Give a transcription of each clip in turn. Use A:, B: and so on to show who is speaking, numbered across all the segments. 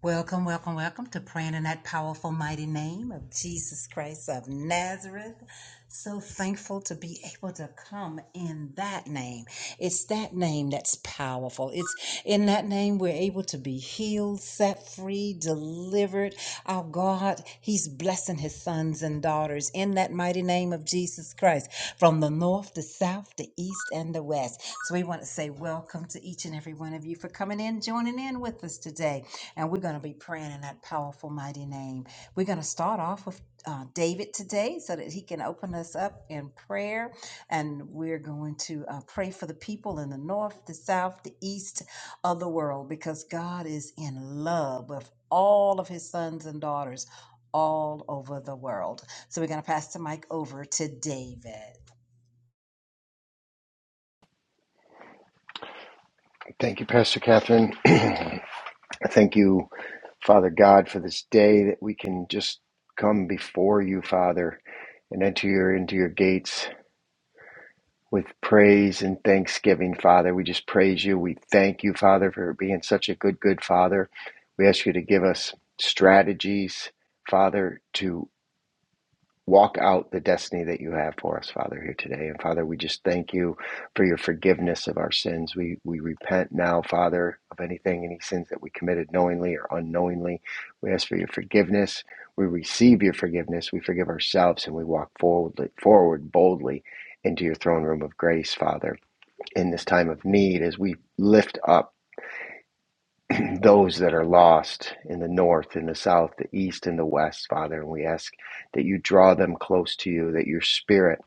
A: Welcome, welcome, welcome to praying in that powerful, mighty name of Jesus Christ of Nazareth. So thankful to be able to come in that name. It's that name that's powerful. It's in that name we're able to be healed, set free, delivered. Our God, He's blessing His sons and daughters in that mighty name of Jesus Christ from the north, the south, the east, and the west. So we want to say welcome to each and every one of you for coming in, joining in with us today. And we're going to be praying in that powerful, mighty name. We're going to start off with uh, David today so that he can open us up in prayer. And we're going to uh, pray for the people in the north, the south, the east of the world because God is in love with all of his sons and daughters all over the world. So we're going to pass the mic over to David.
B: Thank you, Pastor Catherine. Thank you, Father God, for this day that we can just come before you, Father, and enter your into your gates with praise and thanksgiving, Father. We just praise you. We thank you, Father, for being such a good, good Father. We ask you to give us strategies, Father, to walk out the destiny that you have for us, Father, here today. And Father, we just thank you for your forgiveness of our sins. We we repent now, Father, of anything, any sins that we committed knowingly or unknowingly. We ask for your forgiveness. We receive your forgiveness. We forgive ourselves and we walk forward forward boldly into your throne room of grace, Father, in this time of need as we lift up those that are lost in the north, in the south, the east, and the west, Father. And we ask that you draw them close to you, that your spirit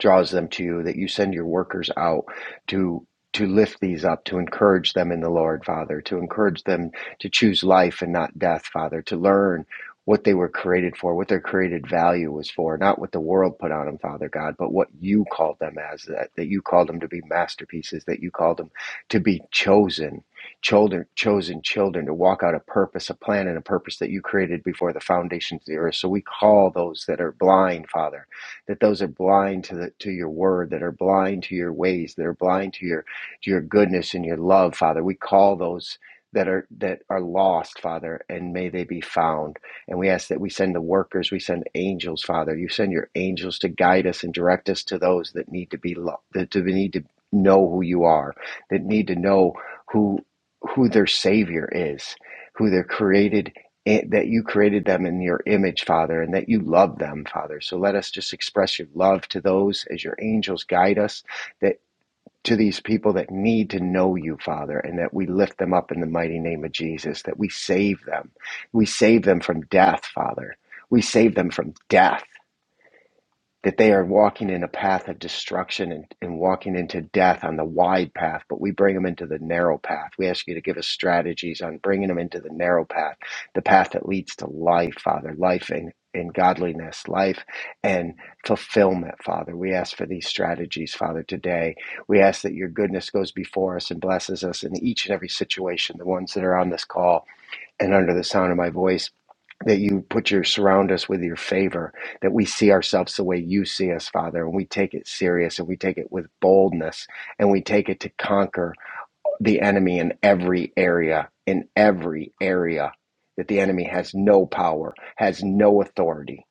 B: draws them to you that you send your workers out to to lift these up to encourage them in the lord father to encourage them to choose life and not death father to learn what they were created for what their created value was for not what the world put on them father god but what you called them as that, that you called them to be masterpieces that you called them to be chosen children chosen children to walk out a purpose a plan and a purpose that you created before the foundations of the earth so we call those that are blind father that those are blind to the to your word, that are blind to your ways, that are blind to your to your goodness and your love, Father. We call those that are that are lost, Father, and may they be found. And we ask that we send the workers, we send angels, Father. You send your angels to guide us and direct us to those that need to be lo- that to need to know who you are, that need to know who who their savior is, who their created and that you created them in your image, Father, and that you love them, Father. So let us just express your love to those as your angels guide us, that to these people that need to know you, Father, and that we lift them up in the mighty name of Jesus, that we save them. We save them from death, Father. We save them from death that they are walking in a path of destruction and, and walking into death on the wide path, but we bring them into the narrow path. We ask you to give us strategies on bringing them into the narrow path, the path that leads to life, Father, life and in in godliness, life and fulfillment, Father. We ask for these strategies, Father, today. We ask that your goodness goes before us and blesses us in each and every situation, the ones that are on this call and under the sound of my voice that you put your surround us with your favor that we see ourselves the way you see us father and we take it serious and we take it with boldness and we take it to conquer the enemy in every area in every area that the enemy has no power has no authority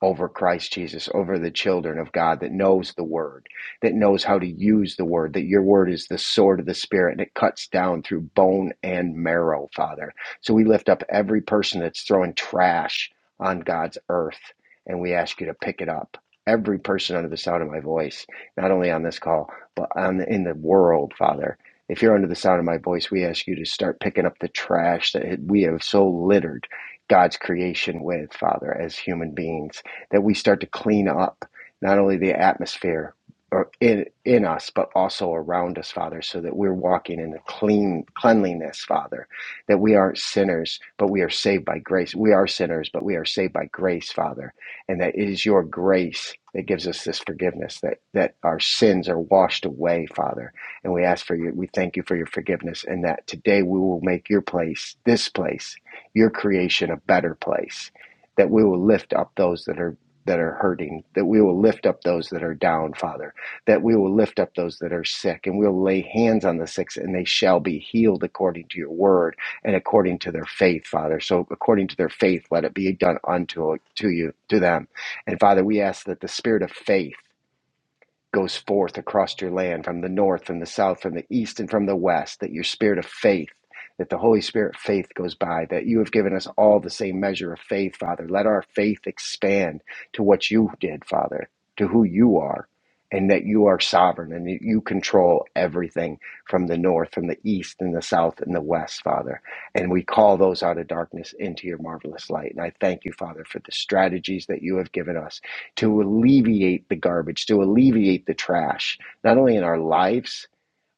B: over Christ Jesus, over the children of God that knows the word, that knows how to use the word, that your word is the sword of the spirit and it cuts down through bone and marrow, Father. So we lift up every person that's throwing trash on God's earth and we ask you to pick it up. Every person under the sound of my voice, not only on this call, but on the, in the world, Father. If you're under the sound of my voice, we ask you to start picking up the trash that we have so littered God's creation with, Father, as human beings that we start to clean up not only the atmosphere or in, in us, but also around us, Father, so that we're walking in a clean cleanliness, Father, that we aren't sinners, but we are saved by grace. We are sinners, but we are saved by grace, Father, and that it is your grace that gives us this forgiveness, that, that our sins are washed away, Father. And we ask for you, we thank you for your forgiveness, and that today we will make your place, this place, your creation, a better place. That we will lift up those that are that are hurting, that we will lift up those that are down, Father, that we will lift up those that are sick, and we'll lay hands on the sick, and they shall be healed according to your word and according to their faith, Father. So according to their faith, let it be done unto to you, to them. And Father, we ask that the spirit of faith goes forth across your land from the north, from the south, from the east, and from the west, that your spirit of faith, that the Holy Spirit faith goes by, that you have given us all the same measure of faith, Father. Let our faith expand to what you did, Father, to who you are, and that you are sovereign and that you control everything from the north, from the east, and the south, and the west, Father. And we call those out of darkness into your marvelous light. And I thank you, Father, for the strategies that you have given us to alleviate the garbage, to alleviate the trash, not only in our lives,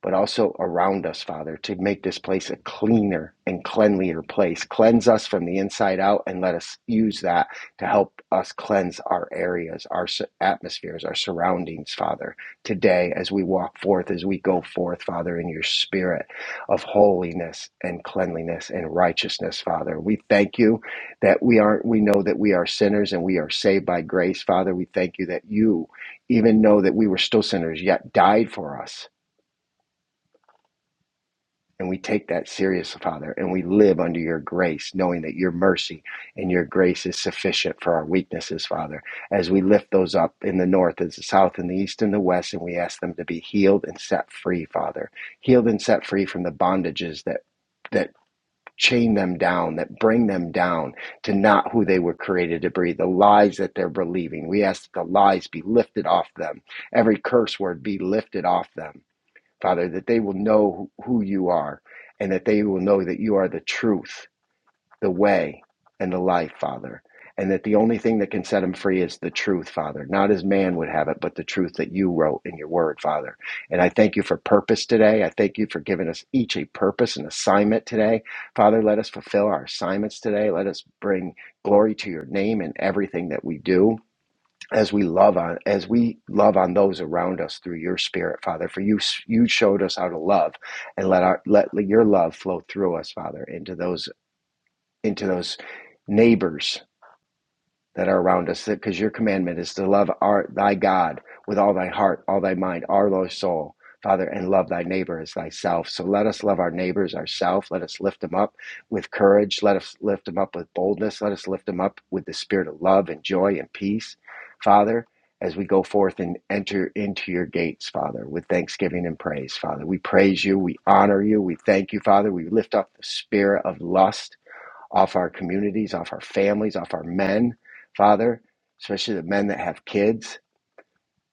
B: but also around us, Father, to make this place a cleaner and cleanlier place. Cleanse us from the inside out and let us use that to help us cleanse our areas, our atmospheres, our surroundings, Father, today as we walk forth, as we go forth, Father, in your spirit of holiness and cleanliness and righteousness, Father. We thank you that we aren't, we know that we are sinners and we are saved by grace, Father. We thank you that you even know that we were still sinners, yet died for us and we take that serious, Father, and we live under your grace, knowing that your mercy and your grace is sufficient for our weaknesses, Father. As we lift those up in the north, as the south, and the east, and the west, and we ask them to be healed and set free, Father, healed and set free from the bondages that that chain them down, that bring them down to not who they were created to be, the lies that they're believing. We ask that the lies be lifted off them, every curse word be lifted off them Father, that they will know who you are and that they will know that you are the truth, the way, and the life, Father. And that the only thing that can set them free is the truth, Father. Not as man would have it, but the truth that you wrote in your word, Father. And I thank you for purpose today. I thank you for giving us each a purpose and assignment today. Father, let us fulfill our assignments today. Let us bring glory to your name in everything that we do as we love on as we love on those around us through your spirit father for you you showed us how to love and let our let your love flow through us father into those into those neighbors that are around us because your commandment is to love our thy god with all thy heart all thy mind all thy soul father and love thy neighbor as thyself so let us love our neighbors ourself let us lift them up with courage let us lift them up with boldness let us lift them up with the spirit of love and joy and peace father as we go forth and enter into your gates, Father, with thanksgiving and praise, Father. We praise you. We honor you. We thank you, Father. We lift up the spirit of lust off our communities, off our families, off our men, Father, especially the men that have kids.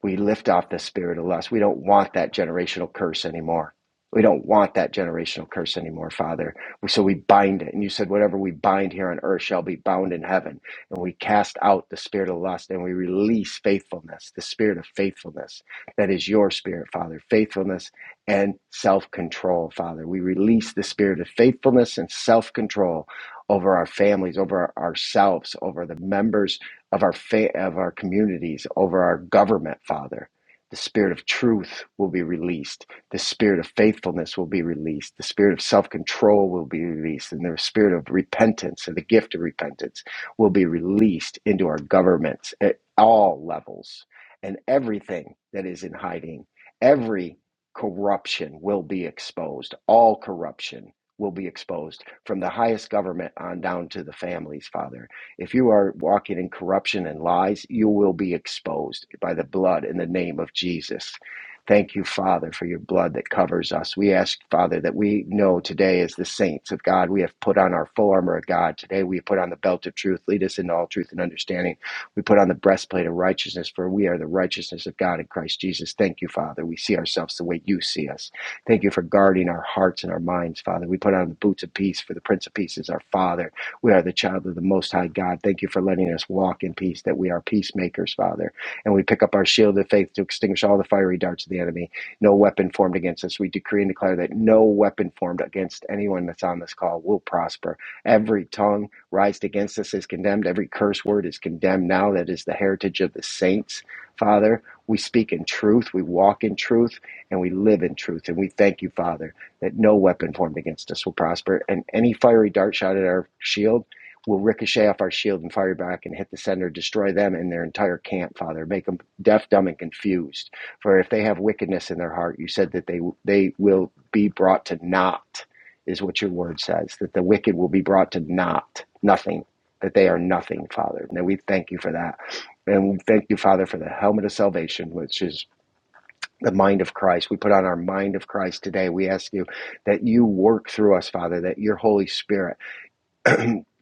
B: We lift off the spirit of lust. We don't want that generational curse anymore. We don't want that generational curse anymore, Father. So we bind it. And you said, whatever we bind here on earth shall be bound in heaven. And we cast out the spirit of lust and we release faithfulness, the spirit of faithfulness. That is your spirit, Father. Faithfulness and self control, Father. We release the spirit of faithfulness and self control over our families, over ourselves, over the members of our fa- of our communities, over our government, Father. The spirit of truth will be released. The spirit of faithfulness will be released. The spirit of self-control will be released, and the spirit of repentance and the gift of repentance will be released into our governments at all levels, and everything that is in hiding, every corruption will be exposed. All corruption will be exposed from the highest government on down to the families, Father if you are walking in corruption and lies, you will be exposed by the blood in the name of Jesus. Thank you, Father, for your blood that covers us. We ask, Father, that we know today as the saints of God, we have put on our full armor of God. Today we put on the belt of truth. Lead us into all truth and understanding. We put on the breastplate of righteousness, for we are the righteousness of God in Christ Jesus. Thank you, Father. We see ourselves the way you see us. Thank you for guarding our hearts and our minds, Father. We put on the boots of peace, for the Prince of Peace is our Father. We are the child of the Most High God. Thank you for letting us walk in peace, that we are peacemakers, Father. And we pick up our shield of faith to extinguish all the fiery darts of the enemy. No weapon formed against us. We decree and declare that no weapon formed against anyone that's on this call will prosper. Every tongue raised against us is condemned. Every curse word is condemned now. That is the heritage of the saints, Father. We speak in truth, we walk in truth, and we live in truth. And we thank you, Father that no weapon formed against us will prosper, and any fiery dart shot at our shield will ricochet off our shield and fire back and hit the center, destroy them and their entire camp, Father. Make them deaf, dumb, and confused. For if they have wickedness in their heart, you said that they they will be brought to naught, is what your word says. That the wicked will be brought to naught, nothing. That they are nothing, Father. And we thank you for that. And we thank you, Father, for the helmet of salvation, which is the mind of Christ. We put on our mind of Christ today. We ask you that you work through us, Father, that your Holy Spirit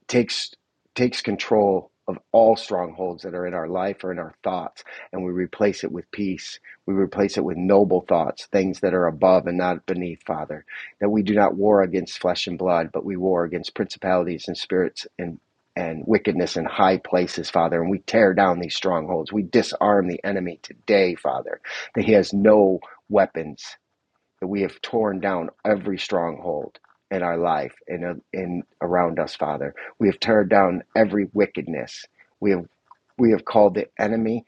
B: takes takes control of all strongholds that are in our life or in our thoughts and we replace it with peace we replace it with noble thoughts things that are above and not beneath father that we do not war against flesh and blood but we war against principalities and spirits and and wickedness in high places father and we tear down these strongholds we disarm the enemy today father that he has no weapons that we have torn down every stronghold in our life and uh, in around us, Father. We have torn down every wickedness. We have we have called the enemy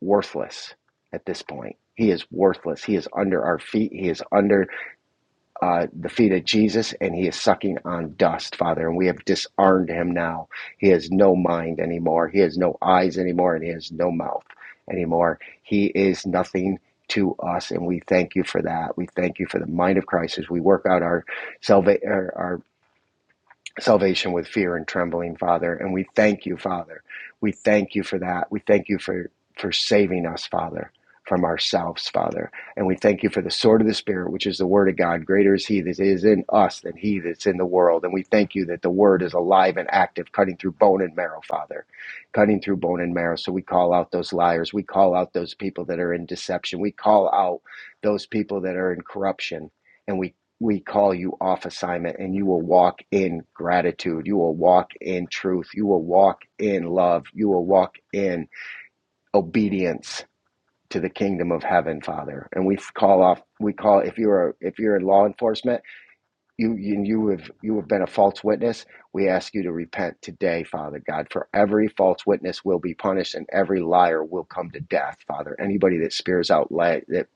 B: worthless at this point. He is worthless. He is under our feet. He is under uh, the feet of Jesus and he is sucking on dust, Father. And we have disarmed him now. He has no mind anymore. He has no eyes anymore and he has no mouth anymore. He is nothing to us and we thank you for that. We thank you for the mind of Christ as we work out our salvation, salvation with fear and trembling, Father. And we thank you, Father. We thank you for that. We thank you for, for saving us, Father, from ourselves, Father. And we thank you for the sword of the Spirit, which is the Word of God. Greater is He that is in us than He that's in the world. And we thank you that the Word is alive and active, cutting through bone and marrow, Father. Cutting through bone and marrow. So we call out those liars. We call out those people that are in deception. We call out those people that are in corruption. and we we call you off assignment and you will walk in gratitude. You will walk in truth. You will walk in love. You will walk in obedience to the kingdom of heaven, Father. And we call off, we call, if you're, if you're in law enforcement, you you- you have you have been a false witness we ask you to repent today father god for every false witness will be punished and every liar will come to death father anybody that spears out li- that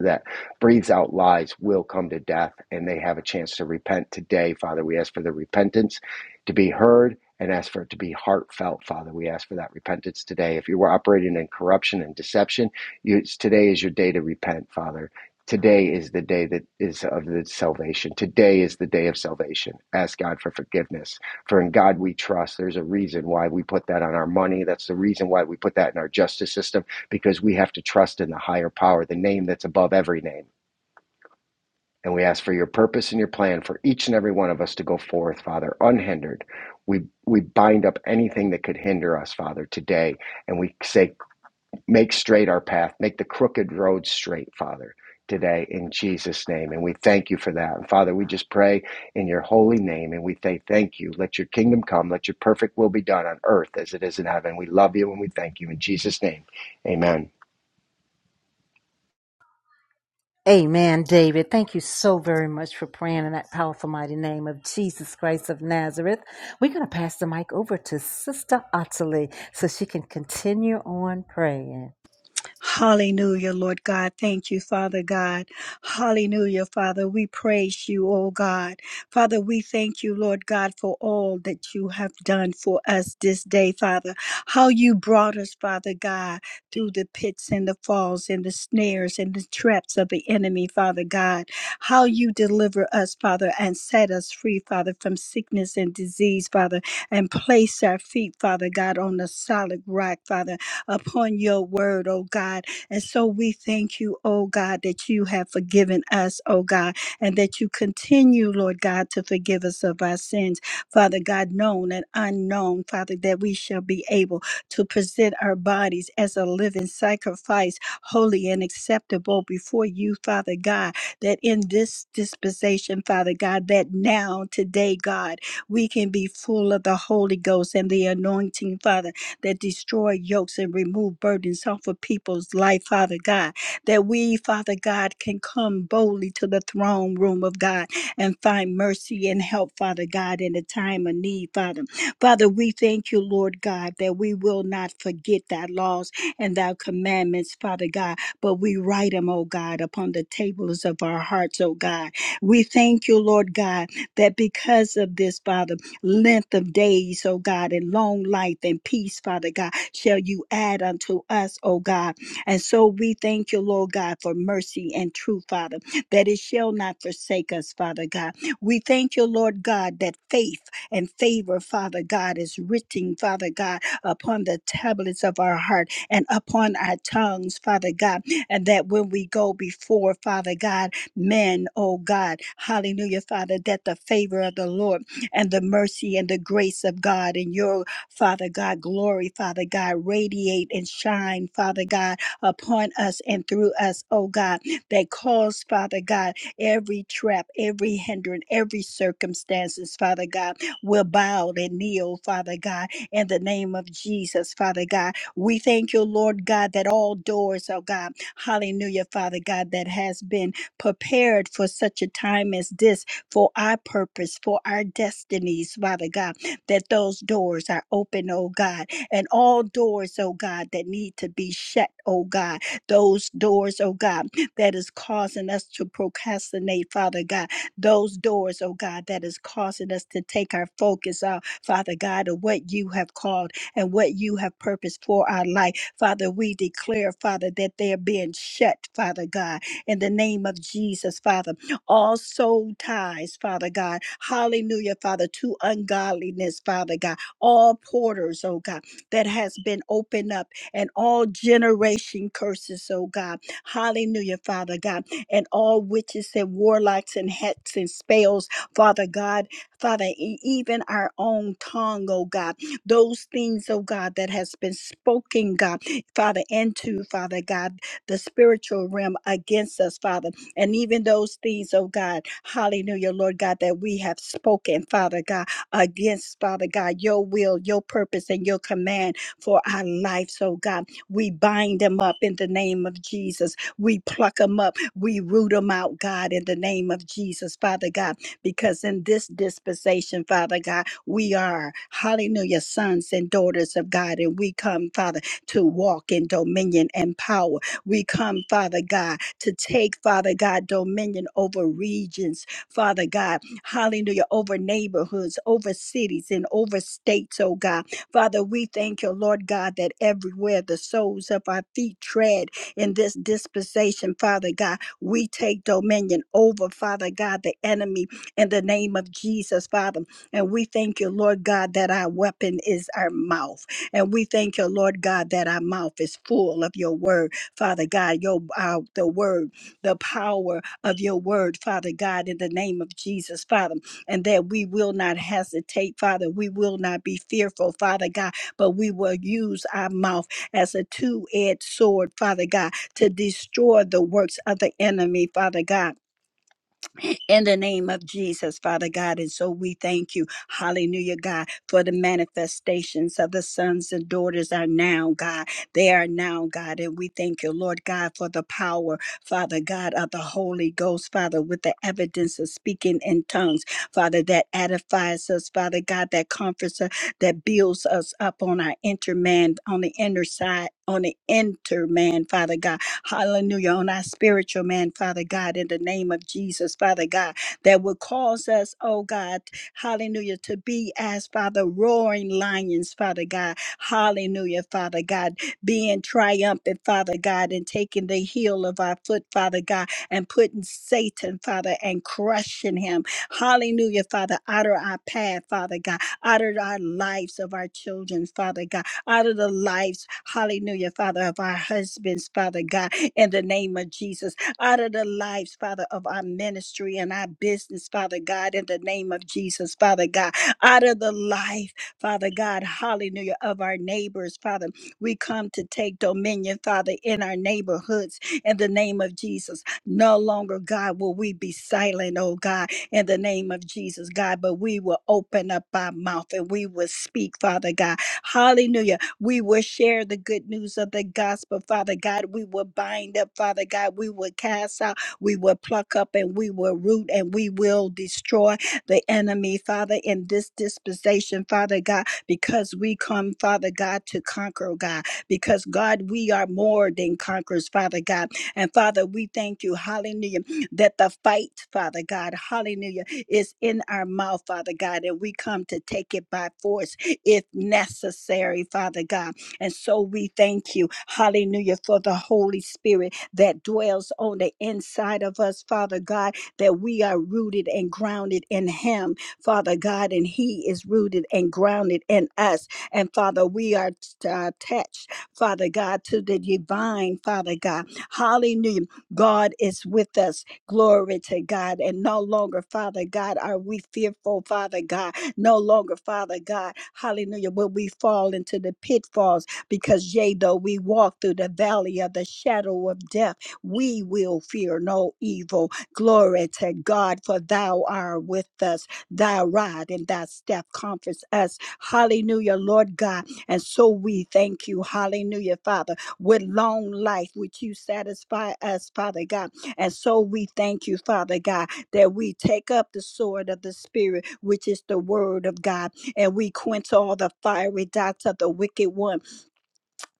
B: that breathes out lies will come to death and they have a chance to repent today father we ask for the repentance to be heard and ask for it to be heartfelt father we ask for that repentance today if you were operating in corruption and deception you, today is your day to repent father Today is the day that is of the salvation. Today is the day of salvation. Ask God for forgiveness. For in God we trust. There's a reason why we put that on our money. That's the reason why we put that in our justice system because we have to trust in the higher power, the name that's above every name. And we ask for your purpose and your plan for each and every one of us to go forth, Father, unhindered. We, we bind up anything that could hinder us, Father, today. And we say, Make straight our path. Make the crooked road straight, Father, today in Jesus' name. And we thank you for that. And Father, we just pray in your holy name and we say thank you. Let your kingdom come. Let your perfect will be done on earth as it is in heaven. We love you and we thank you in Jesus' name. Amen.
A: Amen, David. Thank you so very much for praying in that powerful, mighty name of Jesus Christ of Nazareth. We're going to pass the mic over to Sister Ottilie so she can continue on praying.
C: Hallelujah, Lord God. Thank you, Father God. Hallelujah, Father. We praise you, oh God. Father, we thank you, Lord God, for all that you have done for us this day, Father. How you brought us, Father God, through the pits and the falls and the snares and the traps of the enemy, Father God. How you deliver us, Father, and set us free, Father, from sickness and disease, Father, and place our feet, Father God, on the solid rock, Father upon your word, oh God. And so we thank you, oh God, that you have forgiven us, oh God, and that you continue, Lord God, to forgive us of our sins, Father God, known and unknown, Father, that we shall be able to present our bodies as a living sacrifice, holy and acceptable before you, Father God, that in this dispensation, Father God, that now, today, God, we can be full of the Holy Ghost and the anointing, Father that destroy yokes and remove burdens off of people's life, Father God. That we, Father God, can come boldly to the throne room of God and find mercy and help, Father God, in a time of need, Father. Father, we thank you, Lord God, that we will not forget thy laws and thy commandments, Father God, but we write them, oh God, upon the tables of our hearts, oh God. We thank you, Lord God, that because of this, Father length of days, oh God, and long life and peace, Father God, shall you add unto us, oh God. And so we thank you, Lord God, for mercy and truth, Father, that it shall not forsake us, Father God. We thank you, Lord God, that faith and favor, Father God, is written, Father God, upon the tablets of our heart and upon our tongues, Father God, and that when we go before, Father God, men, oh God, hallelujah, Father, that the favor of the Lord and the mercy and the grace of God and your Father God glory, Father God, radiate and shine, Father God, upon us and through us, oh God, that cause, Father God, every trap, every hindrance, every circumstances, Father God, will bow and kneel, Father God, in the name of Jesus, Father God. We thank you, Lord God, that all doors, oh God, hallelujah, Father God, that has been prepared for such a time as this for our purpose, for our destinies, Father God, that those doors are open, oh God, and all doors, oh God, that need to be shut, oh God, those doors, oh God, that is causing us to procrastinate, Father God, those doors, oh God, that is causing us to take our focus off, Father God, of what you have called and what you have purposed for our life. Father, we declare, Father, that they're being shut, Father God, in the name of Jesus, Father all soul ties, Father God. Hallelujah, Father, to ungodliness, Father God. All porters, oh God, that has been opened up and all generation curses, oh God. Hallelujah, Father God. And all witches and warlocks and hats and spells, Father God. Father, e- even our own tongue, oh God. Those things, oh God, that has been spoken, God, Father, into, Father God, the spiritual realm against us, Father. And even those things, oh God, hallelujah, Lord God, that we have spoken, Father God, against, Father God, your will, your purpose, and your command for our lives, oh God. We bind them up in the name of Jesus. We pluck them up. We root them out, God, in the name of Jesus, Father God, because in this dispensation, Father God, we are, hallelujah, sons and daughters of God. And we come, Father, to walk in dominion and power. We come, Father God, to take, Father God, dominion over regions, Father God, hallelujah, over neighborhoods, over cities, and over states, oh God. Father, we thank you, Lord God, that everywhere the soles of our feet tread in this dispensation, Father God, we take dominion over, Father God, the enemy in the name of Jesus, Father. And we thank you, Lord God, that our weapon is our mouth. And we thank you, Lord God, that our mouth is full of your word. Father God, your uh, the word, the power of your word, Father God, in the name of Jesus, Father, and that we will not hesitate, Father. We will not be fearful, Father God, but we will use our mouth as a two-edged sword, Father God, to destroy the works of the enemy, Father God in the name of Jesus, Father God. And so we thank you, hallelujah, God, for the manifestations of the sons and daughters are now, God. They are now, God. And we thank you, Lord God, for the power, Father God, of the Holy Ghost, Father, with the evidence of speaking in tongues, Father, that edifies us, Father God, that comforts us, that builds us up on our inner man, on the inner side, on the inner man, Father God. Hallelujah. On our spiritual man, Father God, in the name of Jesus, Father God, that will cause us, oh God, hallelujah, to be as, Father, roaring lions, Father God. Hallelujah, Father God, being triumphant, Father God, and taking the heel of our foot, Father God, and putting Satan, Father, and crushing him. Hallelujah, Father, out of our path, Father God, out of our lives of our children, Father God out of the lives, hallelujah, Father, of our husbands, Father God, in the name of Jesus, out of the lives, Father, of our ministry and our business, Father God, in the name of Jesus, Father God, out of the life, Father God, hallelujah, of our neighbors, Father. We come to take dominion, Father, in our neighborhoods, in the name of Jesus. No longer, God, will we be silent, oh God, in the name of Jesus, God, but we will open up our mouth and we will speak, Father God. Hallelujah we will share the good news of the gospel, Father God. We will bind up, Father God. We will cast out, we will pluck up, and we will root, and we will destroy the enemy, Father, in this dispensation, Father God, because we come, Father God, to conquer, God. Because, God, we are more than conquerors, Father God. And, Father, we thank you. Hallelujah that the fight, Father God, hallelujah, is in our mouth, Father God, and we come to take it by force if necessary, Father God. And so we thank you, hallelujah, for the Holy Spirit that dwells on the inside of us, Father God, that we are rooted and grounded in Him, Father God, and He is rooted and grounded in us. And Father, we are t- uh, attached, Father God, to the divine, Father God. Hallelujah. God is with us Glory to God. And no longer, Father God, are we fearful, Father God. No longer, Father God, hallelujah, will we fall into the pitfalls because, yea, though we walk through the valley of the shadow of death, we will fear no evil. Glory to God, for thou art with us. Thy rod and thy staff comforts us. Hallelujah, Lord God. And so we thank you, hallelujah, Father, with long life, which you satisfy us, Father God and so we thank you, Father God, that we take up the sword of the Spirit, which is the word of God, and we quench all the fiery dots of the wicked one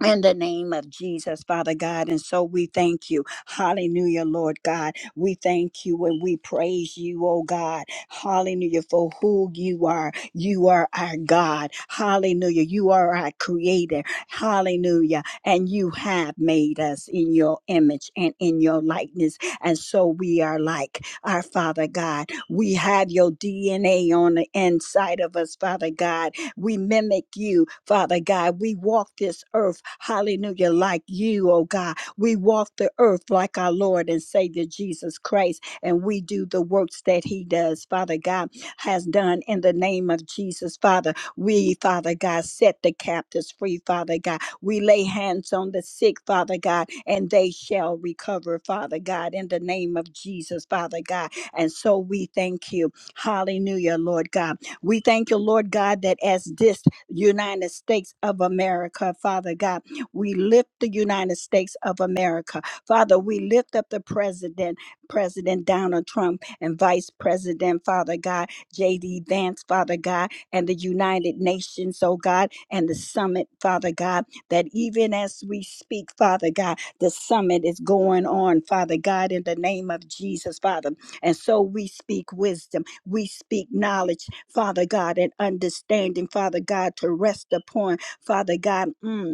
C: in the name of Jesus, Father God. And so we thank you. Hallelujah, Lord God. We thank you and we praise you, oh God. Hallelujah, for who you are. You are our God. Hallelujah. You are our creator. Hallelujah. And you have made us in your image and in your likeness. And so we are like our Father God. We have your DNA on the inside of us, Father God we mimic you, Father God. We walk this earth, hallelujah, like you, oh God. We walk the earth like our Lord and Savior Jesus Christ, and we do the works that He does, Father God, has done in the name of Jesus, Father. We, Father God, set the captives free, Father God. We lay hands on the sick, Father God, and they shall recover, Father God, in the name of Jesus, Father God. And so we thank you. Hallelujah, Lord God. We thank you, Lord God, that as this United States of America, Father God, we lift the United States of America. Father, we lift up the president, President Donald Trump, and Vice President, Father God, J.D. Vance, Father God, and the United Nations, oh God, and the summit, Father God, that even as we speak, Father God, the summit is going on, Father God, in the name of Jesus, Father. And so we speak wisdom. We speak knowledge, Father God, and understanding, Father God, to rest upon, Father God. mm,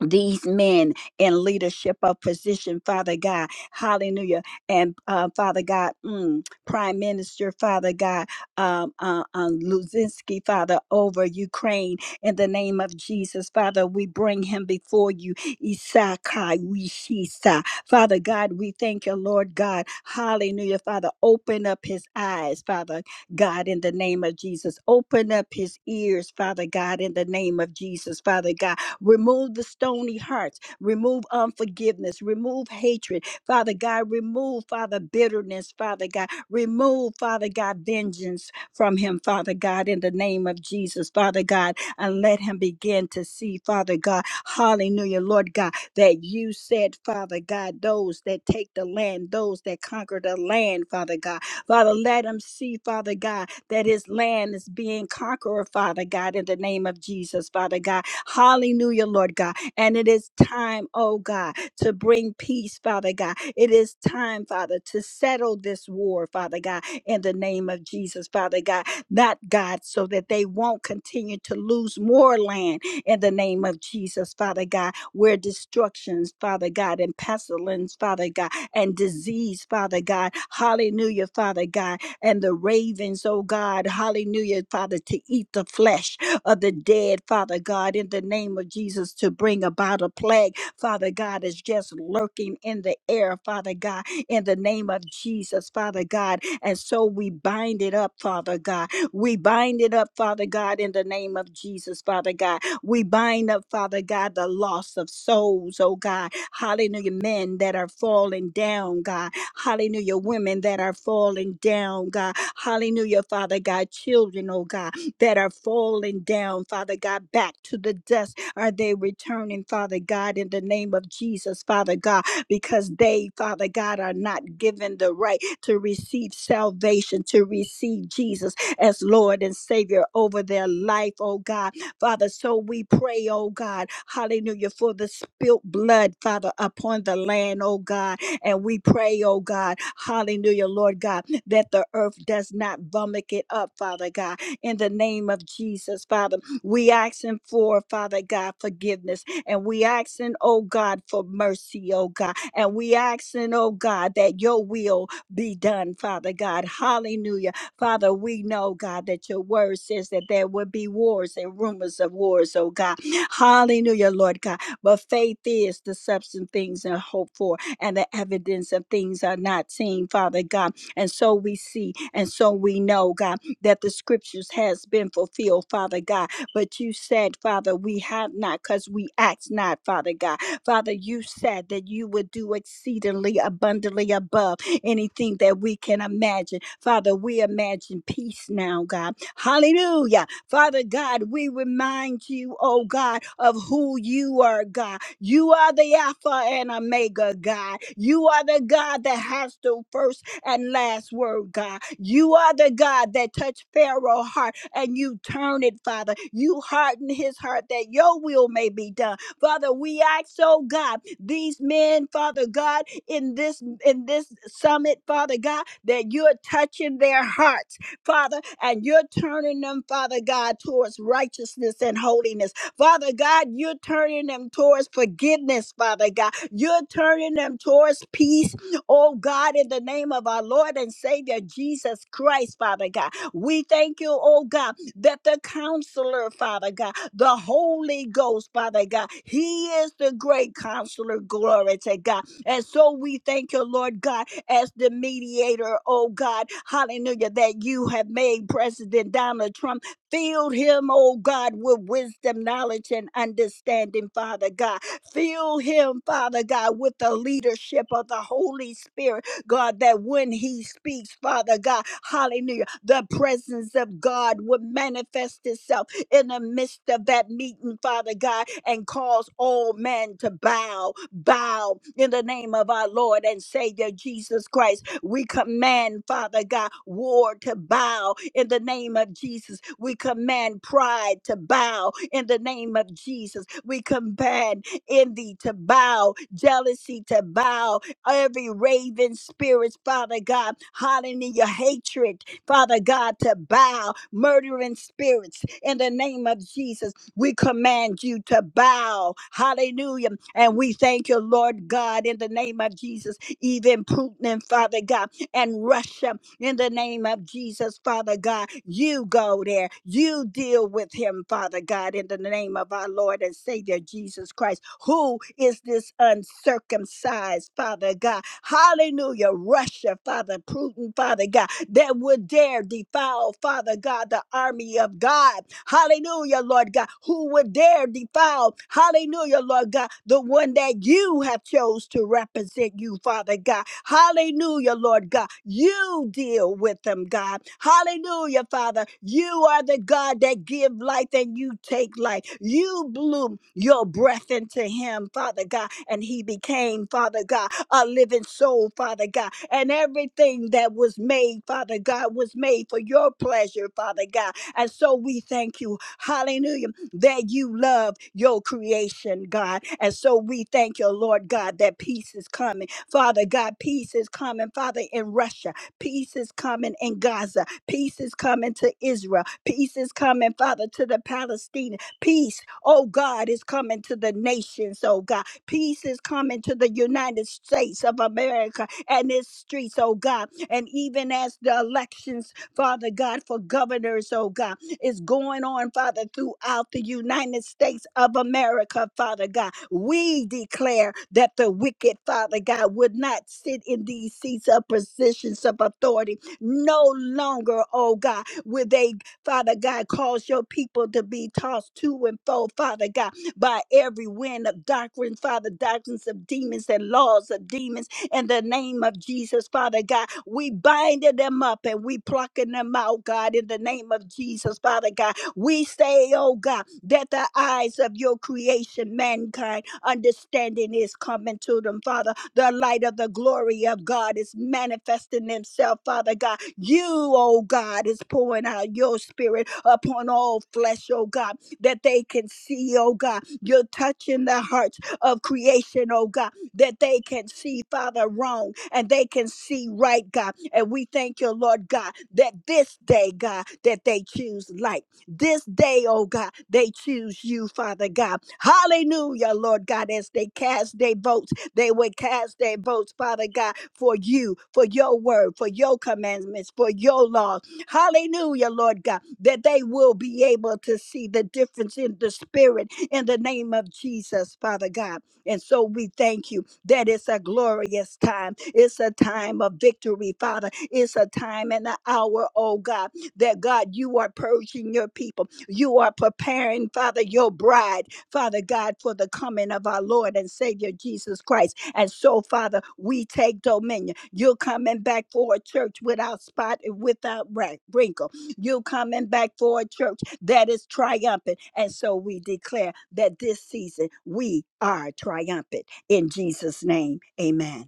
C: these men in leadership of position, Father God, hallelujah. And uh, Father God, mm, Prime Minister, Father God, um, uh, um, Luzinski, Father, over Ukraine, in the name of Jesus, Father, we bring him before you. Isakai, Wishisa. Father God, we thank you, Lord God, hallelujah. Father, open up his eyes, Father God, in the name of Jesus. Open up his ears, Father God, in the name of Jesus, Father God Remove the stony hearts. Remove unforgiveness. Remove hatred. Father God, remove, Father, bitterness, Father God. Remove, Father God, vengeance from him, Father God, in the name of Jesus, Father God. And let him begin to see, Father God, hallelujah, Lord God, that you said, Father God, those that take the land, those that conquer the land, Father God. Father, let him see, Father God, that his land is being conquered, Father God, in the name of Jesus, Father God. Hallelujah, Lord God. And it is time, oh God, to bring peace, Father God. It is time, Father, to settle this war, Father God, in the name of Jesus, Father God. Not God, so that they won't continue to lose more land in the name of Jesus, Father God, where destructions, Father God, and pestilence, Father God, and disease, Father God. Hallelujah, Father God. And the ravens, oh God, hallelujah, Father, to eat the flesh of the dead, Father God, in the name of Jesus, to bring about a plague, Father God, is just lurking in the air, Father God, in the name of Jesus, Father God. And so we bind it up, Father God. We bind it up, Father God, in the name of Jesus, Father God. We bind up, Father God, the loss of souls, oh God. Hallelujah. Men that are falling down, God. Hallelujah. Women that are falling down, God. Hallelujah, Father God. Children, oh God that are falling down, Father God, back to the dust. Are they returning, Father God, in the name of Jesus, Father God, because they, Father God, are not given the right to receive salvation, to receive Jesus as Lord and Savior over their life, oh God. Father, so we pray, oh God, hallelujah, for the spilt blood, Father, upon the land, oh God. And we pray, oh God, hallelujah, Lord God, that the earth does not vomit it up, Father God in the name of Jesus, Father. We asking for, Father God, forgiveness. And we asking, oh God, for mercy, oh God. And we asking, oh God, that your will be done, Father God. Hallelujah. Father, we know, God, that your word says that there will be wars and rumors of wars, oh God. Hallelujah, Lord God. But faith is the substance things and hope for, and the evidence of things are not seen, Father God. And so we see, and so we know, God that the scriptures has been fulfilled, Father God. But you said, Father, we have not because we ask not, Father God. Father, you said that you would do exceedingly abundantly above anything that we can imagine. Father, we imagine peace now, God. Hallelujah. Father God, we remind you, oh God, of who you are, God. You are the Alpha and Omega, God. You are the God that has the first and last word, God. You are the God that touched Pharaoh's heart and you turn it, Father. You harden his heart that your will may be done. Father, we ask, oh God, these men, Father God, in this in this summit, Father God, that you're touching their hearts, Father, and you're turning them, Father God, towards righteousness and holiness. Father God, you're turning them towards forgiveness, Father God. You're turning them towards peace Oh God, in the name of our Lord and Savior Jesus Christ, Father God, we thank you, oh God, that the counselor, Father God, the Holy Ghost, Father God, He is the great counselor. Glory to God. And so we thank you, Lord God, as the mediator, oh God, hallelujah, that you have made President Donald Trump. Fill him, oh God, with wisdom, knowledge, and understanding, Father God. Fill him, Father God, with the leadership of the Holy Spirit, God, that when he speaks, Father God, hallelujah, the presence of God would manifest itself in the midst of that meeting, Father God, and cause all men to bow, bow in the name of our Lord and Savior Jesus Christ. We command, Father God, war to bow in the name of Jesus. We command pride to bow in the name of Jesus. We command envy to bow, jealousy to bow, every raven spirits, Father God, hallelujah, hatred, Father God, to bow, murdering spirits in the name of Jesus. We command you to bow, hallelujah. And we thank you, Lord God, in the name of Jesus, even Putin, Father God, and Russia in the name of Jesus, Father God. You go there. You deal with him, Father God, in the name of our Lord and Savior Jesus Christ. Who is this uncircumcised, Father God? Hallelujah. Russia, Father, Putin, Father God that would dare defile, Father God, the army of God. Hallelujah, Lord God. Who would dare defile, hallelujah, Lord God, the one that you have chose to represent you, Father God. Hallelujah, Lord God. You deal with them, God. Hallelujah, Father. You are the God that give life and you take life. You blew your breath into him, Father God, and he became, Father God, a living soul, Father God. And everything that was made, Father God, was made for your pleasure, Father God. And so we thank you, hallelujah, that you love your creation, God. And so we thank you, Lord God, that peace is coming. Father God, peace is coming, Father, in Russia. Peace is coming in Gaza. Peace is coming to Israel. Peace is coming, Father, to the Palestinians. Peace, oh God, is coming to the nations, oh God. Peace is coming to the United States of America and its streets, oh God. And even as the elections, Father God, for governors, oh God, is going on, Father, throughout the United States of America, Father God. We declare that the wicked, Father God, would not sit in these seats of positions of authority no longer, oh God, will they, Father God, cause your people to be tossed to and fro, Father God by every wind of doctrine, Father, doctrines of demons and laws of demons. In the name of Jesus, Father God, we binding them up and we plucking them out, God, in the name of Jesus, Father God. We say, oh God, that the eyes of your creation, mankind, understanding is coming to them, Father. The light of the glory of God is manifesting himself, Father God. You, oh God, is pouring out your spirit upon all flesh, oh God, that they can see, oh God, you're touching the hearts of creation, oh God, that they can see, Father, wrong and they can see right, God. And we thank you, Lord God, that this day, God, that they choose light. This day, oh God, they choose you, Father God. Hallelujah, Lord God, as they cast their votes, they would cast their votes, Father God, for you, for your word, for your commandments, for your laws. Hallelujah, Lord God, that they will be able to see the difference in the spirit in the name of Jesus, Father God. And so we thank you that it's a glorious time. It's a time of victory, Father. It's a time and an hour, oh God, that God, you are purging your people. You are preparing, Father, your bride, Father God, for the coming of our Lord and Savior Jesus Christ. And so, Father, we take dominion. You're coming back for a church without spot and without ra- wrinkle. You're coming back for a church that is triumphant. And so we declare that this season we are triumphant in Jesus' name. Amen.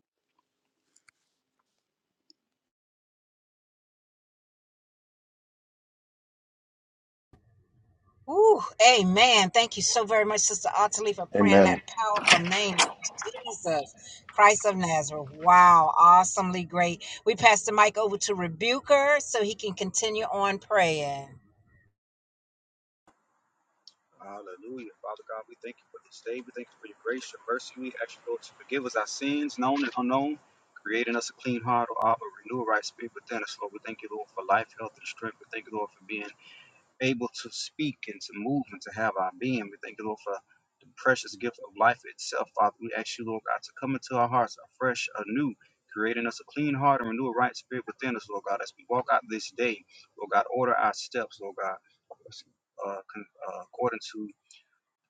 A: Ooh, amen. Thank you so very much, Sister Ottilie, for praying in
B: Amen.
A: that powerful name of Jesus, Christ of Nazareth. Wow, awesomely great. We pass the mic over to Rebuker so he can continue on praying.
D: Hallelujah. Father God, we thank you for this day. We thank you for your grace, your mercy. We ask you, Lord, to forgive us our sins, known and unknown, creating us a clean heart, or heart, renew a right spirit within us, Lord. We thank you, Lord, for life, health, and strength. We thank you, Lord, for being able to speak and to move and to have our being. We thank you, Lord, for the precious gift of life itself, Father. We ask you, Lord God, to come into our hearts afresh, anew, creating us a clean heart and renew a right spirit within us, Lord God, as we walk out this day. Lord God, order our steps, Lord God. Uh, con- uh, according to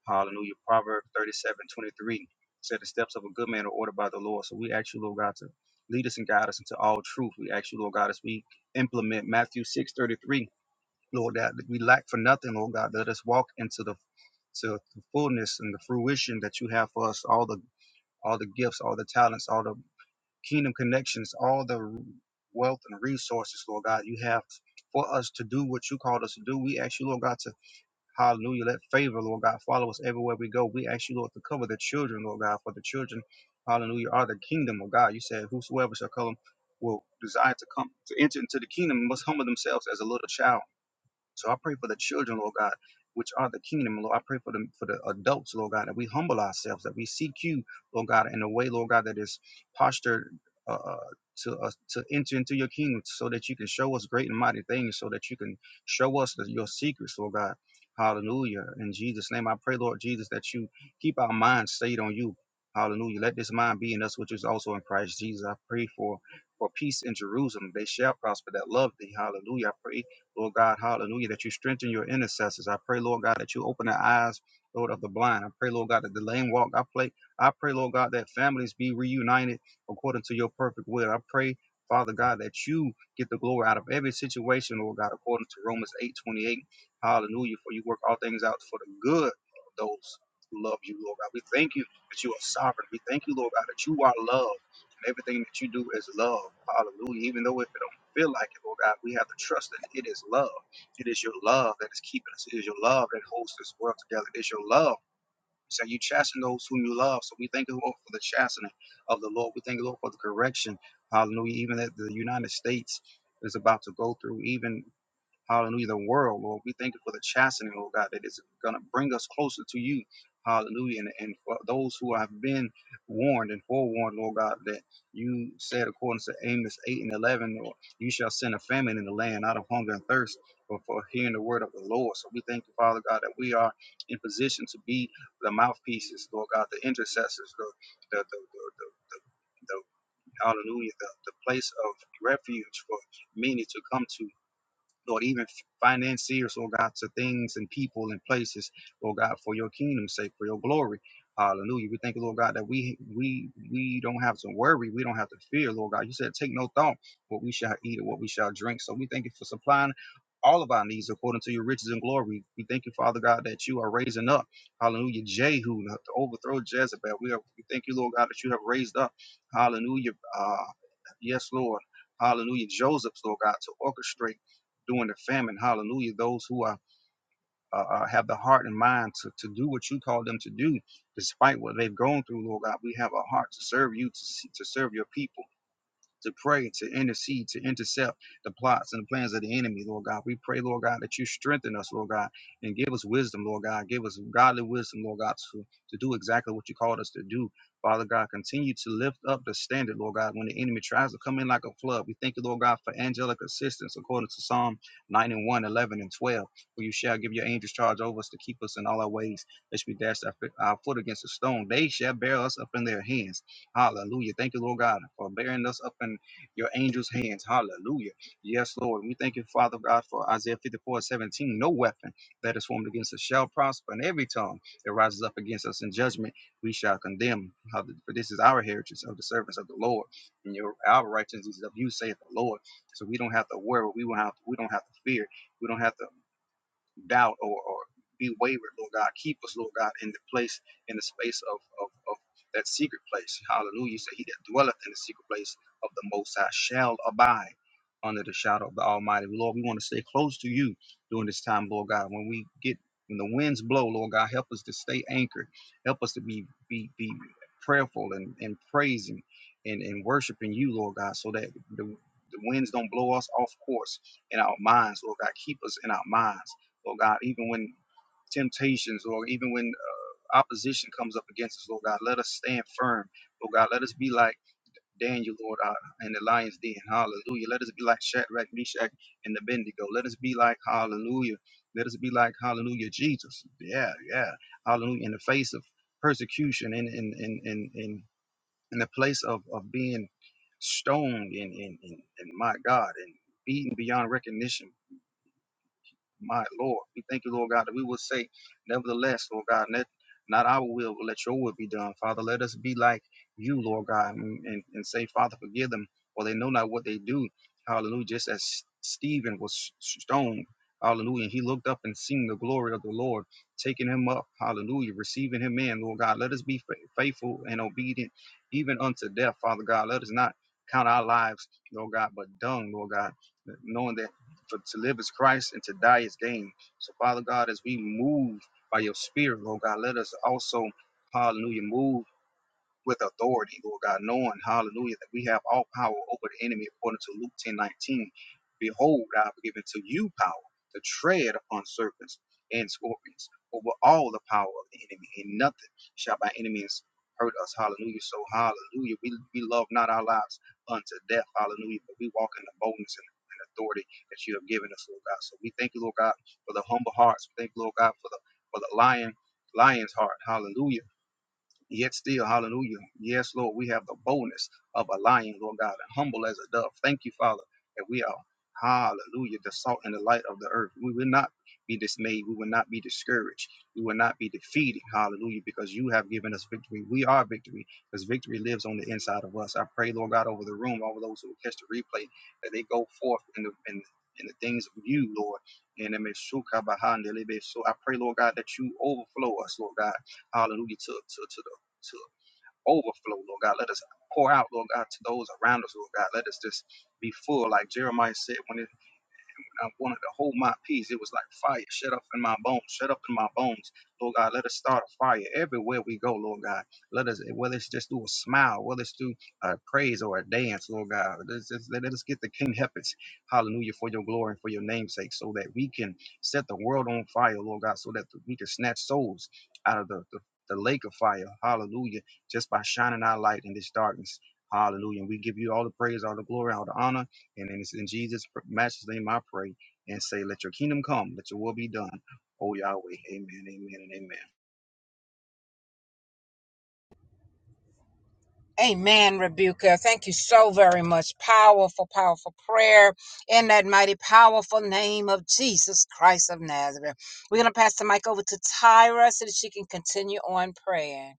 D: Hallelujah. Proverbs 37, 23 said, The steps of a good man are ordered by the Lord. So we ask you, Lord God, to lead us and guide us into all truth. We ask you, Lord God, as we implement Matthew 6, 33, Lord, that we lack for nothing, Lord God. Let us walk into the to the fullness and the fruition that you have for us all the all the gifts all the talents all the kingdom connections all the wealth and resources lord god you have for us to do what you called us to do we ask you lord god to Hallelujah. Let favor, Lord God, follow us everywhere we go. We ask you, Lord, to cover the children, Lord God, for the children, hallelujah, are the kingdom of God. You said, Whosoever shall come will desire to come to enter into the kingdom must humble themselves as a little child. So I pray for the children, Lord God, which are the kingdom, Lord. I pray for the for the adults, Lord God, that we humble ourselves, that we seek you, Lord God, in a way, Lord God, that is postured uh, uh, to us to enter into your kingdom, so that you can show us great and mighty things, so that you can show us the, your secrets, Lord God. Hallelujah. In Jesus' name, I pray, Lord Jesus, that you keep our minds stayed on you. Hallelujah. Let this mind be in us, which is also in Christ Jesus. I pray for for peace in Jerusalem. They shall prosper that love thee. Hallelujah. I pray Lord God, hallelujah, that you strengthen your intercessors. I pray, Lord God, that you open the eyes, Lord, of the blind. I pray, Lord God, that the lame walk. I pray, I pray, Lord God, that families be reunited according to your perfect will. I pray, Father God, that you get the glory out of every situation, Lord God, according to Romans 8 28, Hallelujah. For you work all things out for the good of those who love you, Lord God. We thank you that you are sovereign. We thank you, Lord God, that you are love. And everything that you do is love. Hallelujah. Even though if it feel like it, Lord God. We have to trust that it is love. It is your love that is keeping us. It is your love that holds this world together. It is your love. So you chasten those whom you love. So we thank you, Lord, for the chastening of the Lord. We thank you, Lord, for the correction. Hallelujah. Even that the United States is about to go through, even Hallelujah. The world, Lord. We thank you for the chastening, Lord God, that is going to bring us closer to you. Hallelujah. And, and for those who have been warned and forewarned, Lord God, that you said, according to Amos 8 and 11, Lord, you shall send a famine in the land out of hunger and thirst for, for hearing the word of the Lord. So we thank you, Father God, that we are in position to be the mouthpieces, Lord God, the intercessors, the, the, the, the, the, the the hallelujah, the, the place of refuge for many to come to Lord, even financiers, Lord God, to things and people and places, Lord God, for your kingdom's sake, for your glory. Hallelujah. We thank you, Lord God, that we we we don't have to worry. We don't have to fear, Lord God. You said, take no thought what we shall eat or what we shall drink. So we thank you for supplying all of our needs according to your riches and glory. We thank you, Father God, that you are raising up. Hallelujah. Jehu to overthrow Jezebel. We, are, we thank you, Lord God, that you have raised up. Hallelujah. Uh, yes, Lord. Hallelujah. Joseph's, Lord God, to orchestrate during the famine. Hallelujah. Those who are uh, uh, have the heart and mind to, to do what you call them to do, despite what they've gone through, Lord God. We have a heart to serve you, to, to serve your people to pray, to intercede, to intercept the plots and the plans of the enemy, Lord God. We pray, Lord God, that you strengthen us, Lord God, and give us wisdom, Lord God. Give us godly wisdom, Lord God, to, to do exactly what you called us to do. Father God, continue to lift up the standard, Lord God, when the enemy tries to come in like a flood. We thank you, Lord God, for angelic assistance according to Psalm 91, 11, and 12. For you shall give your angels charge over us to keep us in all our ways, lest we dash our, our foot against a stone. They shall bear us up in their hands. Hallelujah. Thank you, Lord God, for bearing us up in your angels' hands. Hallelujah. Yes, Lord. We thank you, Father God, for Isaiah 54, 17: No weapon that is formed against us shall prosper, and every tongue that rises up against us in judgment, we shall condemn. Hallelujah. For this is our heritage of the servants of the Lord, and your our righteousness is of you, saith the Lord. So we don't have to worry. We will not have we don't have to fear. We don't have to doubt or, or be wavered, Lord God. Keep us, Lord God, in the place, in the space of, of, of that secret place. Hallelujah. You say, He that dwelleth in the secret place of the Most High shall abide under the shadow of the Almighty. Lord, we want to stay close to you during this time, Lord God. When we get, when the winds blow, Lord God, help us to stay anchored. Help us to be, be, be prayerful and, and praising and, and worshiping you, Lord God, so that the, the winds don't blow us off course in our minds, Lord God. Keep us in our minds. Lord God, even when temptations, Lord, even when uh, opposition comes up against us, Lord God, let us stand firm. Lord God, let us be like Daniel, Lord, uh, in the lion's den. Hallelujah. Let us be like Shadrach, Meshach, and Abednego. Let us be like, hallelujah. Let us be like, hallelujah, Jesus. Yeah, yeah. Hallelujah. In the face of persecution and in, in, in, in, in the place of, of being stoned and, and, and, and my God, and beaten beyond recognition. My Lord, we thank you, Lord God, that we will say, nevertheless, Lord God, let not our will, but let your will be done. Father, let us be like you, Lord God, and, and, and say, Father, forgive them, for they know not what they do. Hallelujah. Just as Stephen was stoned, hallelujah, and he looked up and seen the glory of the Lord, taking him up, hallelujah, receiving him in, Lord God. Let us be fa- faithful and obedient, even unto death, Father God. Let us not count our lives, Lord God, but dung, Lord God, knowing that. For to live is Christ and to die is gain. So, Father God, as we move by your spirit, Lord God, let us also, hallelujah, move with authority, Lord God, knowing, hallelujah, that we have all power over the enemy according to Luke ten nineteen. Behold, I have given to you power to tread upon serpents and scorpions over all the power of the enemy, and nothing shall by any means hurt us. Hallelujah. So, hallelujah. We, we love not our lives unto death. Hallelujah. But we walk in the boldness and and authority that you have given us, Lord God. So we thank you, Lord God, for the humble hearts. We thank you, Lord God, for the for the lion, lion's heart. Hallelujah Yet still, hallelujah. Yes, Lord, we have the boldness of a lion, Lord God, and humble as a dove. Thank you, Father, that we are, hallelujah, the salt and the light of the earth. We will not be dismayed. We will not be discouraged. We will not be defeated, hallelujah, because you have given us victory. We are victory because victory lives on the inside of us. I pray, Lord God, over the room, over those who will catch the replay, that they go forth in the, in in the things of you, Lord. And I pray, Lord God, that you overflow us, Lord God hallelujah, to, to, to to overflow, Lord God. Let us pour out, Lord God, to those around us, Lord God. Let us just be full, like Jeremiah said, when it I wanted to hold my peace. It was like fire shut up in my bones, shut up in my bones. Lord God, let us start a fire everywhere we go, Lord God. Let us, whether it's just through a smile, whether it's through a praise or a dance, Lord God. Let's, just, let us get the King Heppets, hallelujah, for your glory and for your namesake, so that we can set the world on fire, Lord God, so that we can snatch souls out of the, the, the lake of fire, hallelujah, just by shining our light in this darkness. Hallelujah. And we give you all the praise, all the glory, all the honor. And then it's in Jesus' matchless name I pray and say, Let your kingdom come, let your will be done. Oh Yahweh. Amen, amen, and amen.
A: Amen, Rebuka. Thank you so very much. Powerful, powerful prayer in that mighty, powerful name of Jesus Christ of Nazareth. We're going to pass the mic over to Tyra so that she can continue on praying.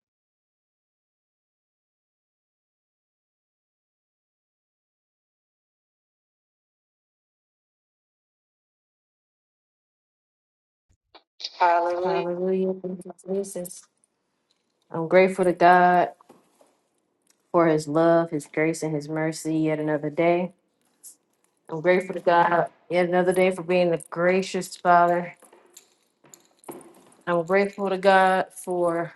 A: Hallelujah.
E: Hallelujah. Thank you, Jesus. I'm grateful to God for his love, his grace, and his mercy yet another day. I'm grateful to God yet another day for being the gracious Father. I'm grateful to God for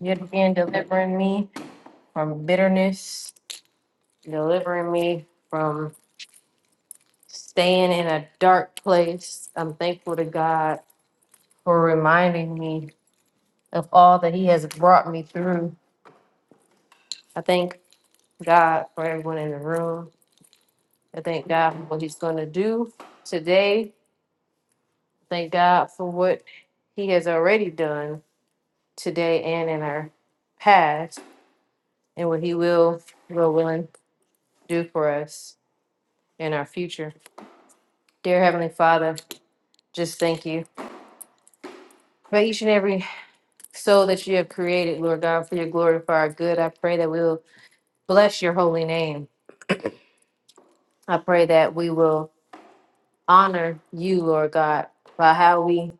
E: yet again delivering me from bitterness, delivering me from staying in a dark place. I'm thankful to God for reminding me of all that he has brought me through. I thank God for everyone in the room. I thank God for what He's going to do today. Thank God for what He has already done today and in our past, and what He will, will, willing do for us in our future. Dear Heavenly Father, just thank you for each and every soul that you have created, Lord God, for your glory, for our good. I pray that we will bless your holy name. I pray that we will honor you, Lord God, by how we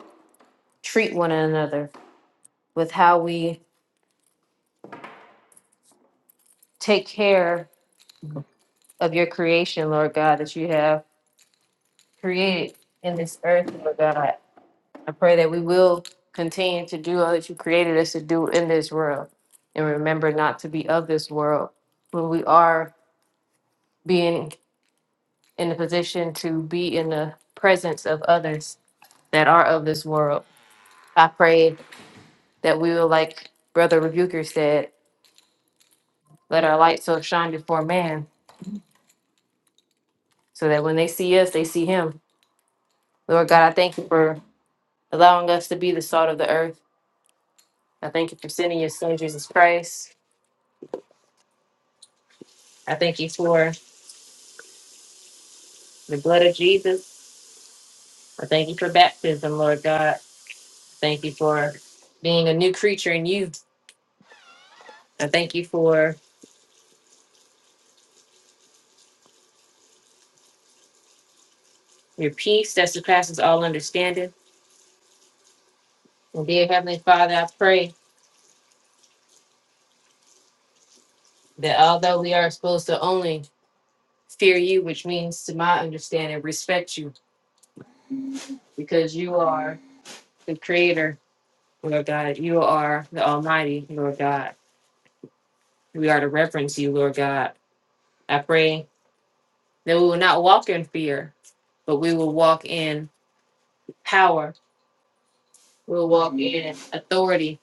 E: treat one another, with how we take care of your creation, Lord God, that you have created in this earth, Lord God. I pray that we will continue to do all that you created us to do in this world and remember not to be of this world when we are being in the position to be in the presence of others that are of this world. I pray that we will, like Brother Rebuker said, let our light so shine before man so that when they see us, they see him. Lord God, I thank you for allowing us to be the salt of the earth I thank you for sending your son, Jesus Christ. I thank you for the blood of Jesus. I thank you for baptism, Lord God. Thank you for being a new creature in you. I thank you for your peace that surpasses all understanding. And dear Heavenly Father, I pray that although we are supposed to only fear you, which means to my understanding, respect you, because you are the creator, Lord God. You are the Almighty, Lord God. We are to reverence you, Lord God. I pray That we will not walk in fear, but we will walk in power. We'll walk in authority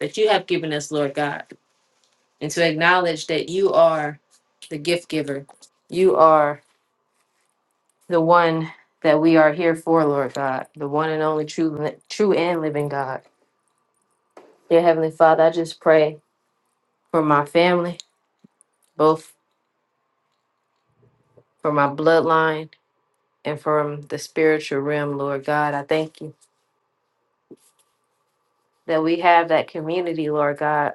E: that you have given us, Lord God. And to acknowledge that you are the gift giver. You are the one that we are here for, Lord God, the one and only true, true and living God. Dear Heavenly Father, I just pray for my family, both for my bloodline and from the spiritual realm, Lord God. I thank you that we have that community, Lord God,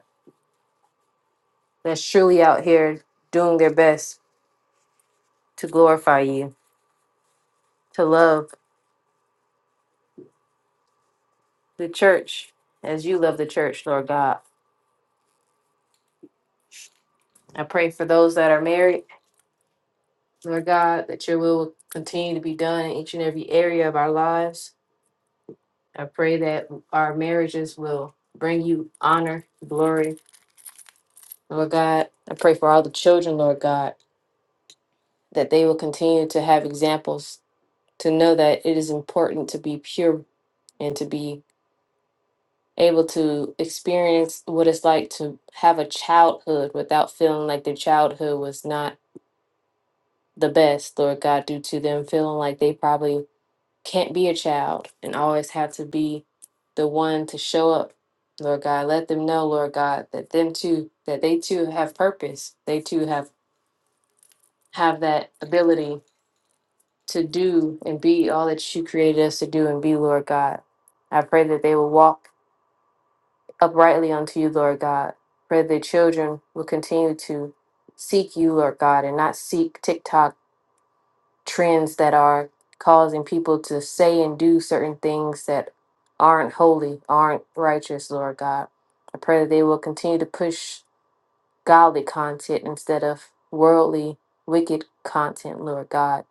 E: that's truly out here doing their best to glorify you, to love the church as you love the church, Lord God. I pray for those that are married, Lord God, that your will will continue to be done in each and every area of our lives. I pray that our marriages will bring you honor, glory, Lord God. I pray for all the children, Lord God, that they will continue to have examples to know that it is important to be pure and to be able to experience what it's like to have a childhood without feeling like their childhood was not the best, Lord God, due to them feeling like they probably can't be a child and always have to be the one to show up, Lord God. Let them know, Lord God, that them too, that they too have purpose. They too have have that ability to do and be all that you created us to do and be, Lord God. I pray that they will walk uprightly unto you, Lord God. Pray that children will continue to seek you, Lord God, and not seek TikTok trends that are causing people to say and do certain things that aren't holy, aren't righteous, Lord God. I pray that they will continue to push godly content instead of worldly, wicked content, Lord God.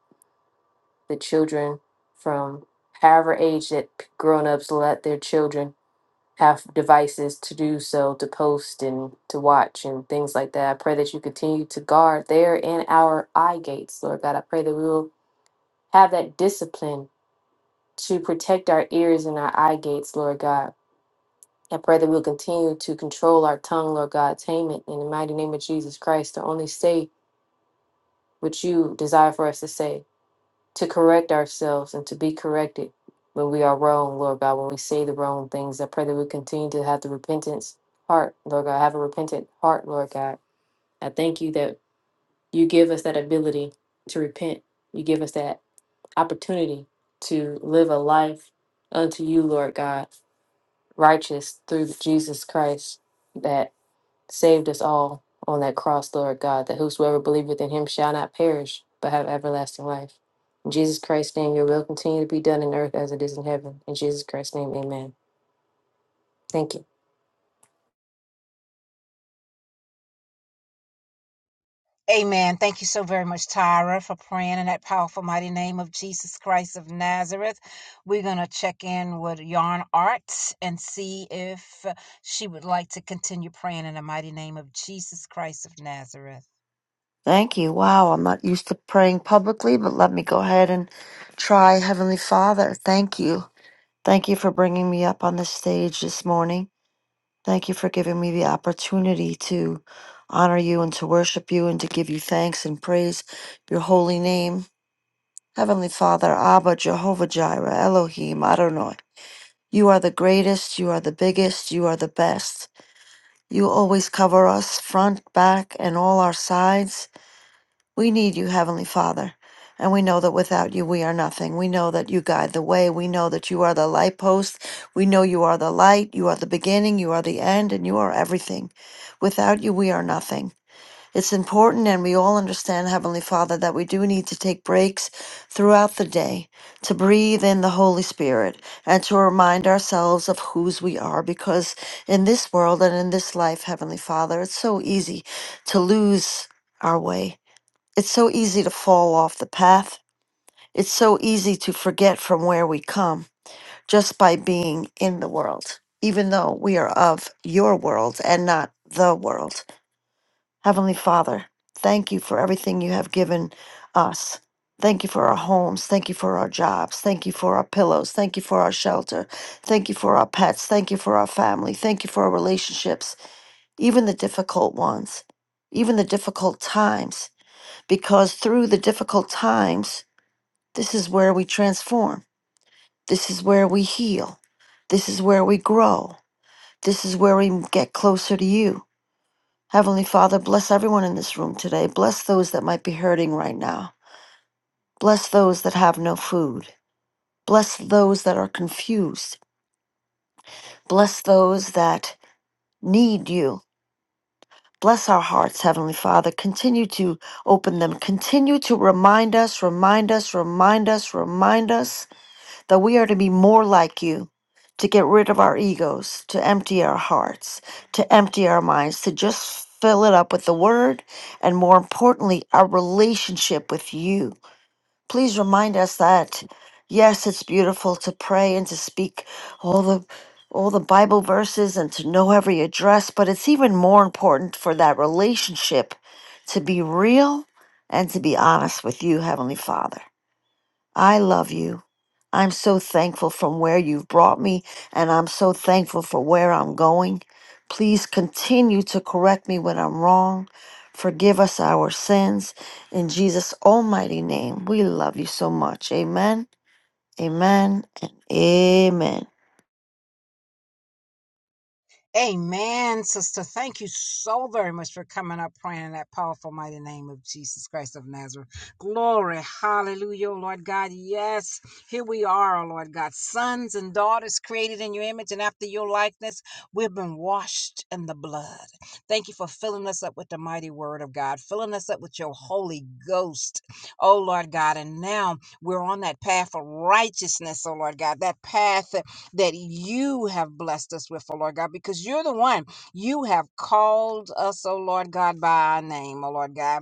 E: The children from however age that p- grown-ups let their children have devices to do so, to post and to watch and things like that. I pray that you continue to guard there and our eye gates, Lord God. I pray that we will have that discipline to protect our ears and our eye gates, Lord God. I pray that we'll continue to control our tongue, Lord God, tame it in the mighty name of Jesus Christ to only say what you desire for us to say. to correct ourselves and to be corrected when we are wrong, Lord God, when we say the wrong things. I pray that we continue to have the repentance heart, Lord God, have a repentant heart, Lord God. I thank you that you give us that ability to repent. You give us that opportunity to live a life unto you, Lord God, righteous through Jesus Christ saved us all on that cross, Lord God, that whosoever believeth in him shall not perish, but have everlasting life. In Jesus Christ's name, your will continue to be done in earth as it is in heaven. In Jesus Christ's name, amen. Thank you.
A: Amen. Thank you so very much, Tyra, for praying in that powerful, mighty name of Jesus Christ of Nazareth. We're going to check in with Yarn Art and see if she would like to continue praying in the mighty name of Jesus Christ of Nazareth.
F: Thank you. Wow, I'm not used to praying publicly, but let me go ahead and try. Heavenly Father, thank you. Thank you for bringing me up on this stage this morning. Thank you for giving me the opportunity to honor you and to worship you and to give you thanks and praise your holy name. Heavenly Father, Abba, Jehovah Jireh, Elohim, Adonai. You are the greatest, you are the biggest, you are the best. You always cover us front, back, and all our sides. We need you, Heavenly Father. And we know that without you, we are nothing. We know that you guide the way. We know that you are the light post. We know you are the light. You are the beginning. You are the end. And you are everything. Without you, we are nothing. It's important, and we all understand, Heavenly Father, that we do need to take breaks throughout the day to breathe in the Holy Spirit and to remind ourselves of whose we are. Because in this world and in this life, Heavenly Father, it's so easy to lose our way it's so easy to fall off the path. It's so easy to forget from where we come just by being in the world, even though we are of your world and not the world. Heavenly Father, thank you for everything you have given us. Thank you for our homes. Thank you for our jobs. Thank you for our pillows. Thank you for our shelter. Thank you for our pets. Thank you for our family. Thank you for our relationships, even the difficult ones, even the difficult times, because through the difficult times, this is where we transform. This is where we heal. This is where we grow. This is where we get closer to you. Heavenly Father, bless everyone in this room today. Bless those that might be hurting right now. Bless those that have no food. Bless those that are confused. Bless those that need you. Bless our hearts, Heavenly Father. Continue to open them. Continue to remind us, remind us, remind us, remind us that we are to be more like you, to get rid of our egos, to empty our hearts, to empty our minds, to just fill it up with the word, and more importantly, our relationship with you. Please remind us that yes, it's beautiful to pray and to speak all the all the Bible verses and to know every address, but it's even more important for that relationship to be real and to be honest with you, Heavenly Father. I love you. I'm so thankful from where you've brought me, and I'm so thankful for where I'm going. Please continue to correct me when I'm wrong. Forgive us our sins. In Jesus' almighty name, we love you so much. Amen, amen, and amen.
A: Amen, sister. Thank you so very much for coming up, praying in that powerful, mighty name of Jesus Christ of Nazareth. Glory, hallelujah, oh Lord God. Yes, here we are, oh Lord God. Sons and daughters created in your image and after your likeness, we've been washed in the blood. Thank you for filling us up with the mighty word of God, filling us up with your Holy Ghost, oh Lord God. And now we're on that path of righteousness, oh Lord God, that path that you have blessed us with, oh Lord God, because you're the one you have called us, oh Lord God, by our name, oh Lord God.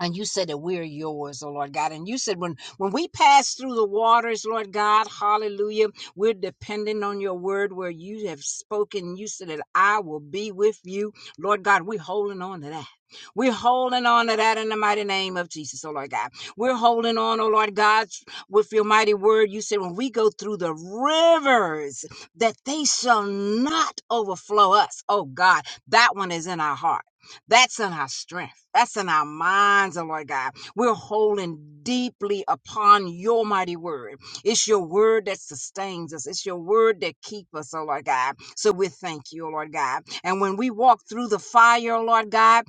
A: And you said that we're yours, oh Lord God. And you said when when we pass through the waters, Lord God, hallelujah, we're dependent on your word where you have spoken. You said that I will be with you. Lord God, we're holding on to that. We're holding on to that in the mighty name of Jesus, oh Lord God. We're holding on, oh Lord God, with your mighty word. You said when we go through the rivers, that they shall not overflow us. Oh God, that one is in our heart. That's in our strength. That's in our minds, oh Lord God. We're holding deeply upon your mighty word. It's your word that sustains us. It's your word that keeps us, oh Lord God. So we thank you, oh Lord God. And when we walk through the fire, oh Lord God,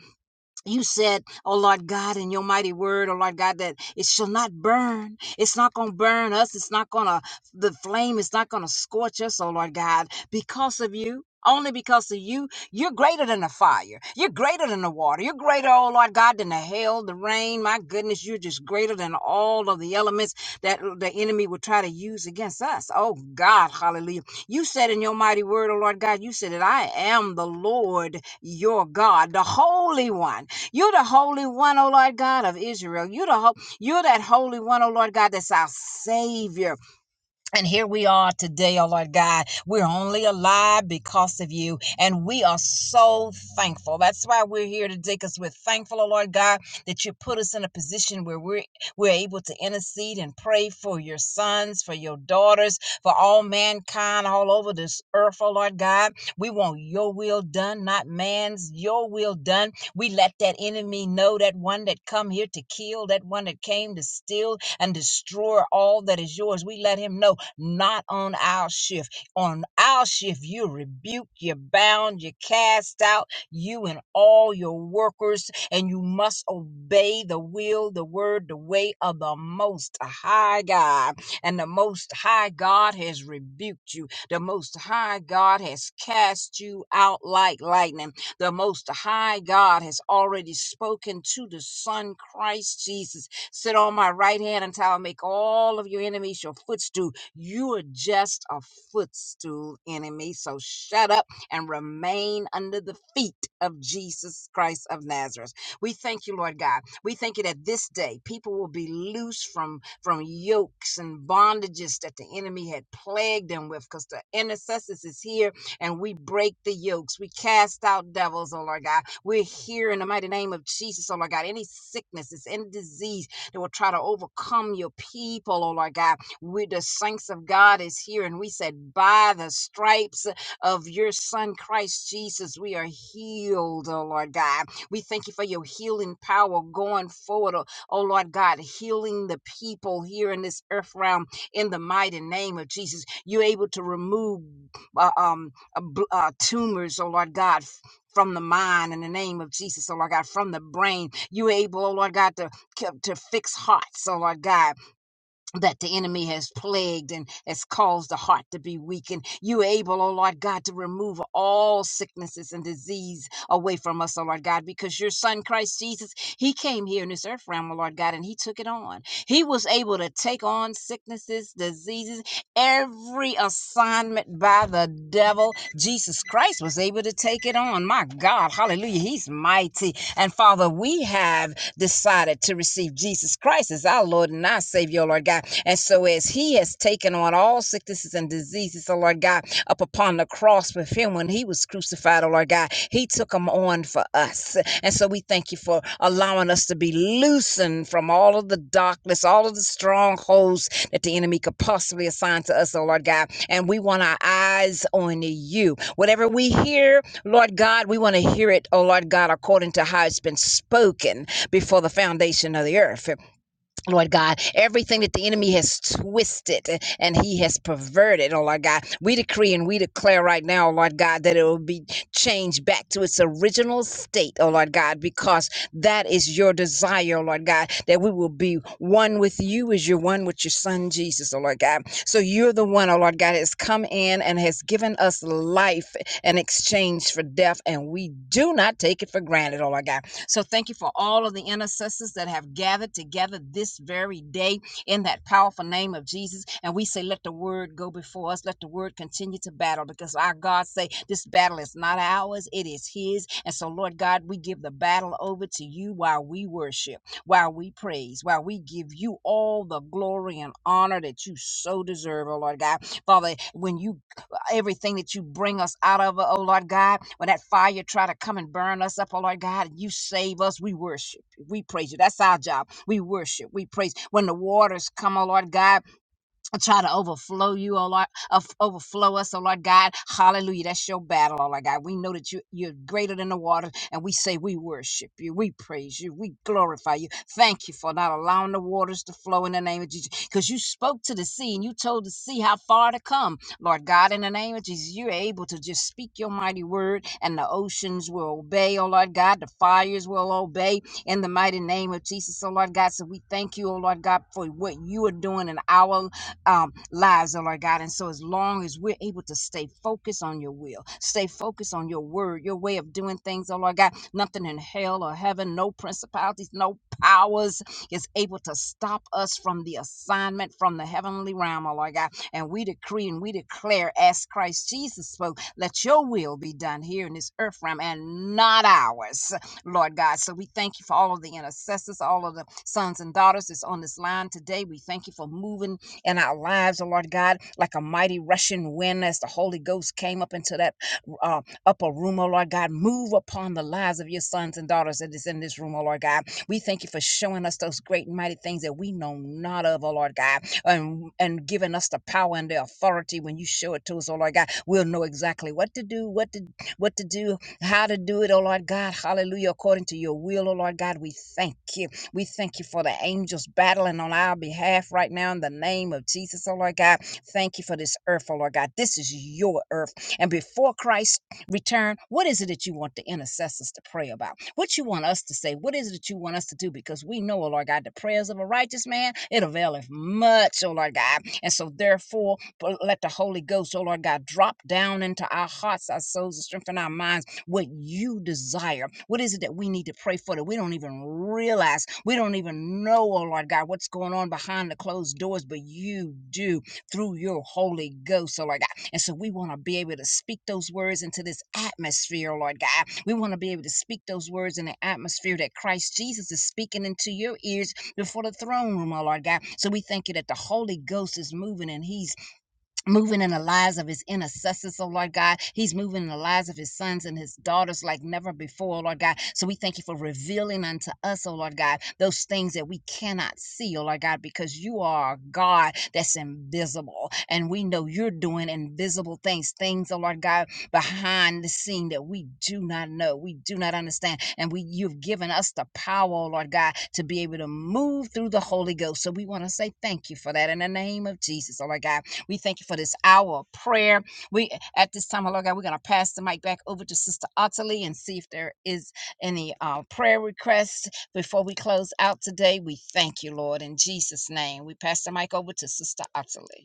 A: you said, oh Lord God, in your mighty word, oh Lord God, that it shall not burn. It's not going to burn us. It's not going to, the flame is not going to scorch us, oh Lord God, because of you. Only because of you, you're greater than the fire. You're greater than the water. You're greater, oh Lord God, than the hail, the rain. My goodness, you're just greater than all of the elements that the enemy would try to use against us. Oh God, hallelujah. You said in your mighty word, oh Lord God, you said that I am the Lord your God, the Holy One you're the Holy One, O Lord God of Israel. You're the ho- you're that Holy One, O Lord God, that's our Savior. And here we are today, oh Lord God. We're only alive because of you. And we are so thankful. That's why we're here today, because we're thankful, oh Lord God, that you put us in a position where we're we're able to intercede and pray for your sons, for your daughters, for all mankind all over this earth, oh Lord God. We want your will done, not man's, your will done. We let that enemy know that one that come here to kill, that one that came to steal and destroy all that is yours. We let him know not on our shift. On our shift, you rebuke, you bound, you cast out, you and all your workers, and you must obey the will, the word, the way of the Most High God. And the Most High God has rebuked you. The Most High God has cast you out like lightning. The Most High God has already spoken to the Son, Christ Jesus. Sit on my right hand until I make all of your enemies your footstool. You are just a footstool enemy. So shut up and remain under the feet of Jesus Christ of Nazareth. We thank you, Lord God. We thank you that this day people will be loose from, from yokes and bondages that the enemy had plagued them with because the intercessors is here and we break the yokes. We cast out devils, oh Lord God. We're here in the mighty name of Jesus, oh Lord God. Any sicknesses, any disease that will try to overcome your people, oh Lord God. We, the saints of God, is here. And we said, by the stripes of your son, Christ Jesus, we are healed, oh Lord God. We thank you for your healing power going forward, oh, oh Lord God, healing the people here in this earth realm in the mighty name of Jesus. You're able to remove uh, um, uh, bl- uh, tumors, oh Lord God. f- From the mind in the name of Jesus, oh Lord God, from the brain, you able, oh Lord God, to, to fix hearts, oh Lord God that the enemy has plagued and has caused the heart to be weak. And you are able, oh Lord God, to remove all sicknesses and disease away from us, oh Lord God, because your son Christ Jesus, he came here in this earth realm, oh Lord God, and he took it on. He was able to take on sicknesses, diseases, every assignment by the devil. Jesus Christ was able to take it on. My God, hallelujah. He's mighty. And Father, we have decided to receive Jesus Christ as our Lord and our Savior, oh Lord God. And so, as he has taken on all sicknesses and diseases, oh Lord God, up upon the cross with him when he was crucified, oh Lord God, he took them on for us. And so, we thank you for allowing us to be loosened from all of the darkness, all of the strongholds that the enemy could possibly assign to us, oh Lord God. And we want our eyes on you. Whatever we hear, Lord God, we want to hear it, oh Lord God, according to how it's been spoken before the foundation of the earth. Lord God, everything that the enemy has twisted and he has perverted, oh Lord God, we decree and we declare right now, oh Lord God, that it will be changed back to its original state, oh Lord God, because that is your desire, oh Lord God, that we will be one with you as you're one with your son Jesus, oh Lord God. So you're the one, oh Lord God, that has come in and has given us life in exchange for death, and we do not take it for granted, oh Lord God. So thank you for all of the intercessors that have gathered together this very day in that powerful name of Jesus. And we say, let the word go before us. Let the word continue to battle because our God say this battle is not ours. It is his. And so, Lord God, we give the battle over to you while we worship, while we praise, while we give you all the glory and honor that you so deserve, oh Lord God. Father, when you everything that you bring us out of, oh Lord God. When that fire try to come and burn us up, oh Lord God, you save us. We worship you. We praise you. That's our job. We worship. We praise. When the waters come, oh Lord God, and try to overflow you, oh Lord, of- overflow us, oh Lord God. Hallelujah. That's your battle, oh Lord God. We know that you, you're greater than the water, and we say we worship you, we praise you, we glorify you. Thank you for not allowing the waters to flow in the name of Jesus. Because you spoke to the sea and you told the sea how far to come. Lord God, in the name of Jesus, you're able to just speak your mighty word, and the oceans will obey, oh Lord God. The fires will obey in the mighty name of Jesus, oh Lord God. So we thank you, oh Lord God, for what you are doing in our um, lives, oh Lord God. And so, as long as we're able to stay focused on your will, stay focused on your word, your way of doing things, oh Lord God, nothing in hell or heaven, no principalities, no powers is able to stop us from the assignment from the heavenly realm, oh Lord God. And we decree and we declare, as Christ Jesus spoke, let your will be done here in this earth realm and not ours. Lord God. So we thank you for all of the intercessors, all of the sons and daughters that's on this line today. We thank you for moving in our lives, oh Lord God, like a mighty rushing wind as the Holy Ghost came up into that uh, upper room, oh Lord God. Move upon the lives of your sons and daughters that is in this room, oh Lord God. We thank you for showing us those great and mighty things that we know not of, oh Lord God, and, and giving us the power and the authority when you show it to us, oh Lord God. We'll know exactly what to do, what to what to do, how to do it, oh Lord God. Hallelujah. According to your will, oh Lord God, we thank you. We thank you for the angels battling on our behalf right now in the name of Jesus, oh Lord God. Thank you for this earth, oh Lord God. This is your earth. And before Christ return, what is it that you want the intercessors to pray about? What you want us to say? What is it that you want us to do? Because we know, oh Lord God, the prayers of a righteous man, it availeth much, oh Lord God. And so therefore, let the Holy Ghost, oh Lord God, drop down into our hearts, our souls, and strengthen our minds what you desire. What is it that we need to pray for that we don't even realize? We don't even know, oh Lord God, what's going on behind the closed doors, but you do through your Holy Ghost, oh Lord God. And so we want to be able to speak those words into this atmosphere, oh Lord God. We want to be able to speak those words in the atmosphere that Christ Jesus is speaking into your ears before the throne room, oh Lord God. So we thank you that the Holy Ghost is moving and He's moving in the lives of his intercessors, oh Lord God. He's moving in the lives of his sons and his daughters like never before, oh Lord God. So we thank you for revealing unto us, oh Lord God, those things that we cannot see, oh Lord God, because you are a God that's invisible. And we know you're doing invisible things, things, oh Lord God, behind the scene that we do not know, we do not understand. And we you've given us the power, oh Lord God, to be able to move through the Holy Ghost. So we want to say thank you for that in the name of Jesus, oh Lord God. We thank you for this hour of prayer. We at this time, oh Lord God, we're gonna pass the mic back over to Sister Ottilie and see if there is any uh, prayer requests before we close out today. We thank you, Lord, in Jesus' name. We pass the mic over to Sister Ottilie.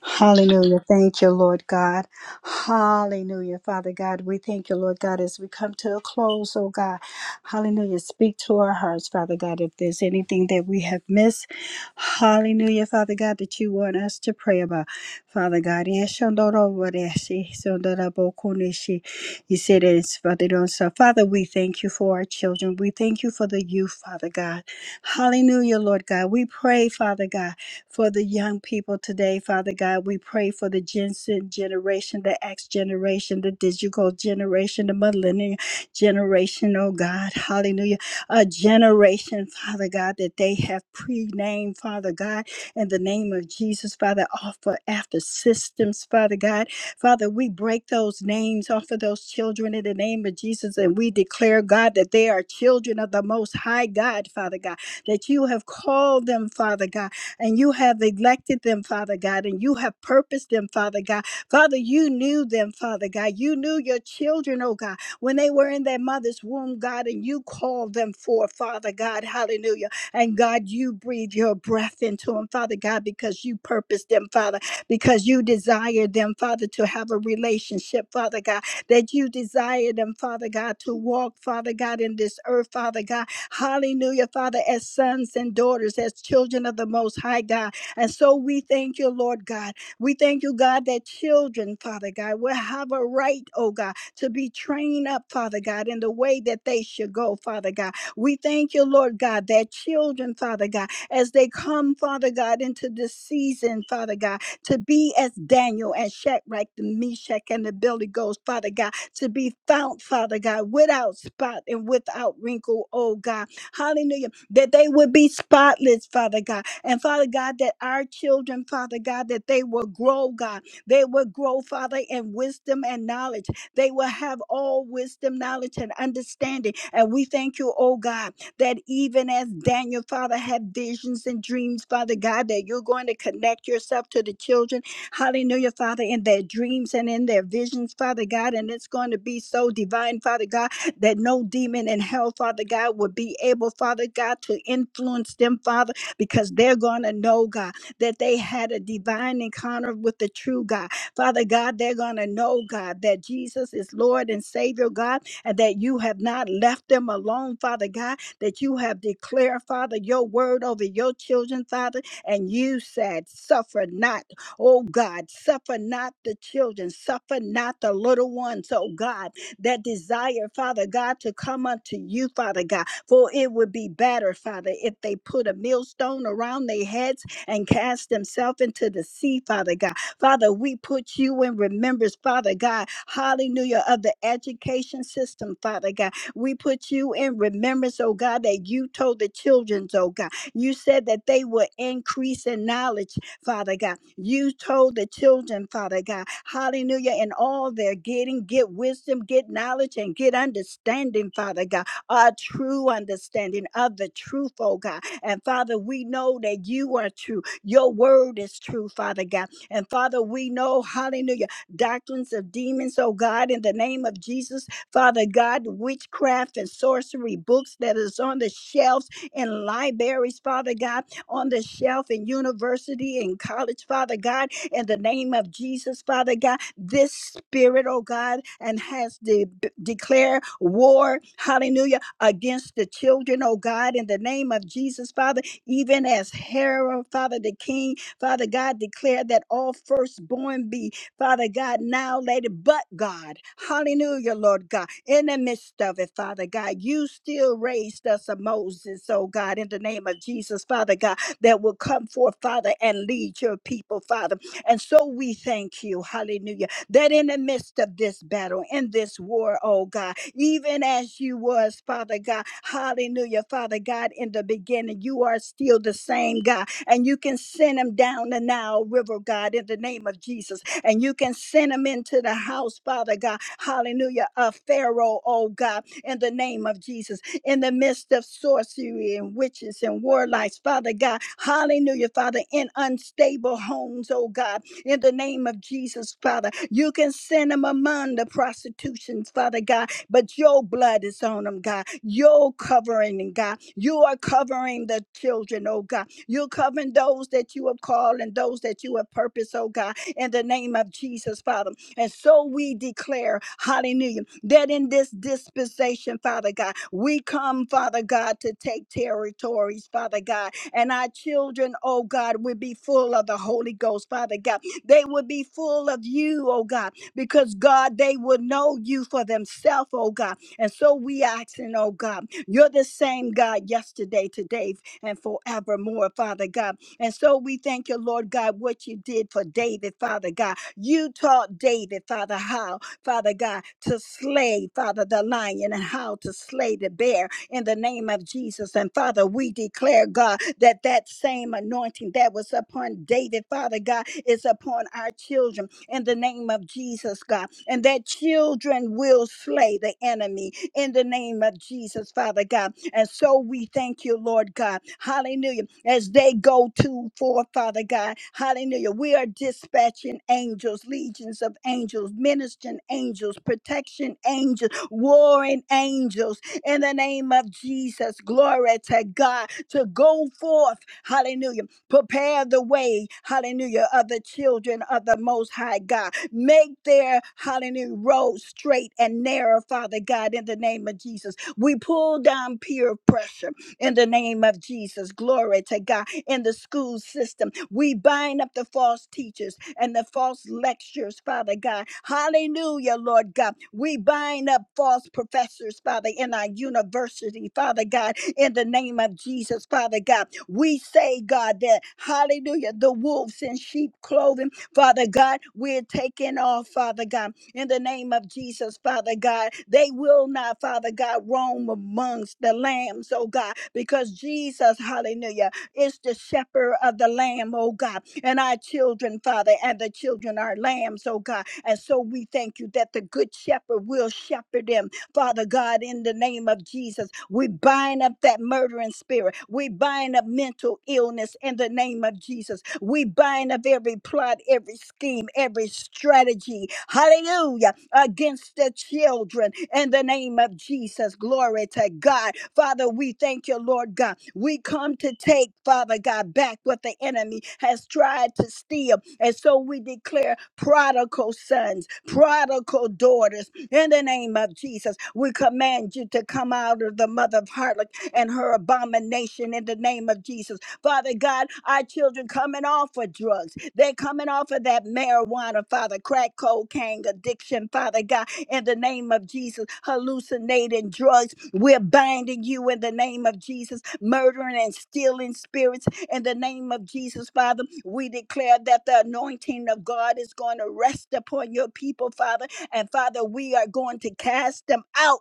C: Hallelujah. Thank you, Lord God. Hallelujah. Father God, we thank you, Lord God, as we come to a close, oh God. Hallelujah. Speak to our hearts, Father God, if there's anything that we have missed. Hallelujah, Father God, that you want us to pray about. Father God, Eshondoroboreshi, Sondorabokunishi. you said it's for the don't so. Father, we thank you for our children. We thank you for the youth, Father God. Hallelujah, Lord God. We pray, Father God for the young people today, Father God. We pray for the Gen Z generation, the X generation, the digital generation, the millennial generation, oh God. Hallelujah. A generation, Father God, that they have pre-named, Father God, in the name of Jesus, Father, offer after systems, Father God. Father, we break those names off of those children in the name of Jesus, and we declare, God, that they are children of the Most High God, Father God, that you have called them, Father God and you have elected them, Father God, and you have purposed them, Father God. Father, you knew them, Father God. You knew your children, oh God, when they were in their mother's womb, God, and you called them forth, Father God. Hallelujah. And God, you breathe your breath into them, Father God, because you purposed them, Father, because you desire them, Father, to have a relationship, Father God, that you desire them, Father God, to walk, Father God, in this earth, Father God Hallelujah, Father, as sons and daughters, as children of the Most High God. And so we thank you, Lord God. We thank you, God, that children, Father God, will have a right, oh God, to be trained up, Father God, in the way that they should go, Father God. We thank you, Lord God, that children, Father God, as they come, Father God, into this season, Father God, to be as Daniel and Shadrach, the Meshach, and the Billy Ghost, Father God, to be found, Father God, without spot and without wrinkle, oh God. Hallelujah. That they would be spotless, Father God. And Father God, that our children, Father God, that they will grow, God. They will grow, Father, in wisdom and knowledge. They will have all wisdom, knowledge, and understanding. And we thank you, oh God that even as Daniel, Father, had visions and dreams, Father God, that you're going to connect yourself to the children. Hallelujah, Father, in their dreams and in their visions, Father God. And it's going to be so divine, Father God, that no demon in hell, Father God, would be able, Father God, to influence them, Father, because they're going to know, God, that they had a divine encounter with the true God. Father God, they're going to know, God, that Jesus is Lord and Savior, God, and that you have not left them alone, Father God, that you have declared, Father, your word over your children, Father. And you said, Suffer not, oh God, suffer not the children, suffer not the little ones, oh God, that desire, Father God, to come unto you, Father God. For it would be better, Father, if they put a millstone around their heads and cast themselves into the sea, Father God. Father, we put you in remembrance, Father God, hallelujah, of the education system, Father God we put you in remembrance, oh God, that you told the children, oh God. You said that they would increase in knowledge, Father God. You told the children, Father God, hallelujah, and all they're getting, get wisdom, get knowledge, and get understanding, Father God, a true understanding of the truth, oh God. And Father, we know that you are true. Your word is true, Father God. And Father, we know, hallelujah, doctrines of demons, oh God, in the name of Jesus, Father God, witchcraft and sorcery books that is on the shelves in libraries, Father God, on the shelf in university and college, Father God, in the name of Jesus, Father God, this spirit, oh God, and has de- b- declared war, hallelujah, against the children, oh God, in the name of Jesus, Father, even as Herod, Father the King, Father God, declared that all firstborn be Father God, now, Lady, but God, hallelujah, Lord God, in the midst of it, Father God, you still raised us a Moses, oh God, in the name of Jesus, Father God, that will come forth, Father, and lead your people, Father. And so we thank you, hallelujah, that in the midst of this battle, in this war, oh God, even as you was, Father God, hallelujah, Father God, in the beginning, you are still the same God, and you can send them down the Nile River, God, in the name of Jesus and you can send them into the house, Father God. Hallelujah. Of Pharaoh, oh God, in the name of Jesus, in the midst of sorcery and witches and warlocks, Father God. Hallelujah, Father, in unstable homes, oh God, in the name of Jesus, Father. You can send them among the prostitutions, Father God, but your blood is on them, God. Your covering, and God. You are covering the children, oh God. You're covering those that you have called and those that you have purposed, oh God in the name of Jesus, Father. And so we declare, hallelujah, that in this dispensation, Father God, we come, Father God, to take territories, Father God. And our children, oh God, will be full of the Holy Ghost, Father God. They will be full of you, oh God, because God, they would know you for themselves, oh God. And so we asking, oh God, you're the same God yesterday, today, and forevermore, Father God. And so we thank you, Lord God, what you did for David, Father God. You taught David, Father, how, Father God, to slay, Father, the lion and how to slay the bear in the name of Jesus. And Father, we declare, God, that that same anointing that was upon David, Father God, is upon our children in the name of Jesus, God. And that children will slay the enemy in the name of Jesus, Father God and so we thank you, Lord God. Hallelujah. As they go to for Father God, hallelujah. We are dispatching angels, legions of angels, ministering angels, protection angels, warring angels in the name of Jesus. Glory to God to go forth. Hallelujah. Prepare the way, hallelujah, of the children of the Most High God. Make their, hallelujah, road straight and narrow, Father God, in the name of Jesus. We pull down peer pressure in the name of Jesus. Glory to God. In the school system, we bind up the false teachers and the false lectures, Father God. Hallelujah, Lord God. We bind up false professors, Father, in our university, Father God, in the name of Jesus, Father God. We say, God, that hallelujah, the wolves in sheep clothing, Father God, we're taking off, Father God in the name of Jesus, Father God. They will not, Father God, roam amongst the lambs, oh God, because Jesus, hallelujah, is the shepherd of the lamb, oh God. And our children, Father, and the children are lambs, oh God. And so we thank you that the good shepherd will shepherd them Father God, in the name of Jesus, we bind up that murdering spirit. We bind up mental illness in the name of Jesus. We bind up every plot, every scheme, every strategy. Hallelujah. Against the children in the name of Jesus. Glory to God. Father, we thank you, Lord God. We come to take, Father God, back what the enemy has tried to steal. And so we declare prodigal sons, prodigal daughters in the name of Jesus, we command you to come out of the mother of harlot and her abomination in the name of Jesus. Father God, our children coming off of drugs. They're coming off of that marijuana, Father, crack cocaine addiction, Father God, in the name of Jesus, hallucinating drugs. We're binding you in the name of Jesus, murdering and stealing spirits in the name of Jesus, Father. We declare that the anointing of God is going to rest upon your people, Father and Father, we are going to cast them out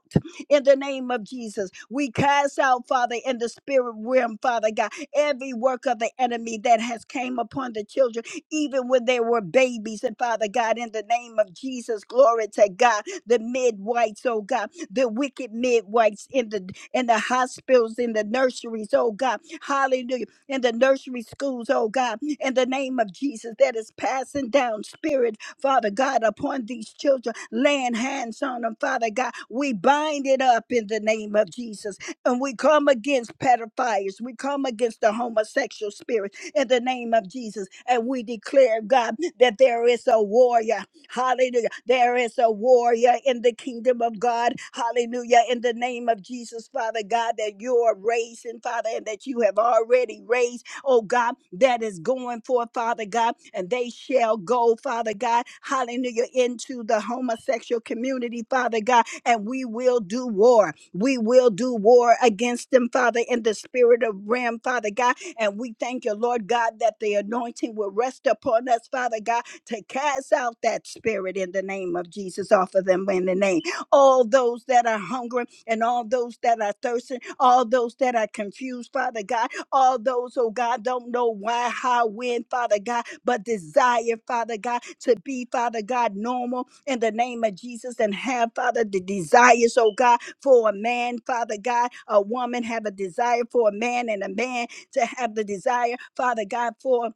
C: in the name of Jesus. We cast out, Father, in the spirit realm, Father God, every work of the enemy that has came upon the children, even when they were babies. And Father God, in the name of Jesus, glory to God, the midwives, oh God, the wicked midwives in the in the hospitals, in the nurseries, oh God, hallelujah, in the nursery schools, oh God, in the name of Jesus, that is passing down spirit Father God, upon these children, laying hands on them, Father God. We bind it up in the name of Jesus. And we come against pedophiles. We come against the homosexual spirit in the name of Jesus. And we declare, God, that there is a warrior. Hallelujah. There is a warrior in the kingdom of God. Hallelujah. In the name of Jesus, Father God, that you are raising, Father, and that you have already raised oh God, that is going forth, Father God, and they shall go, Father God, hallelujah, into the homosexual community, Father God, and we will do war. We will do war against them, Father, in the spirit of ram, Father God, and we thank you, Lord God, that the anointing will rest upon us, Father God, to cast out that spirit in the name of Jesus off of them in the name. All those that are hungry and all those that are thirsting, all those that are confused, Father God, all those, oh God, don't know why, how, when, Father God, but desire, Father God, to be, Father God, normal in the name of Jesus and have, Father, the desires, oh God, for a man, Father God, a woman have a desire for a man and a man to have the desire, Father God, for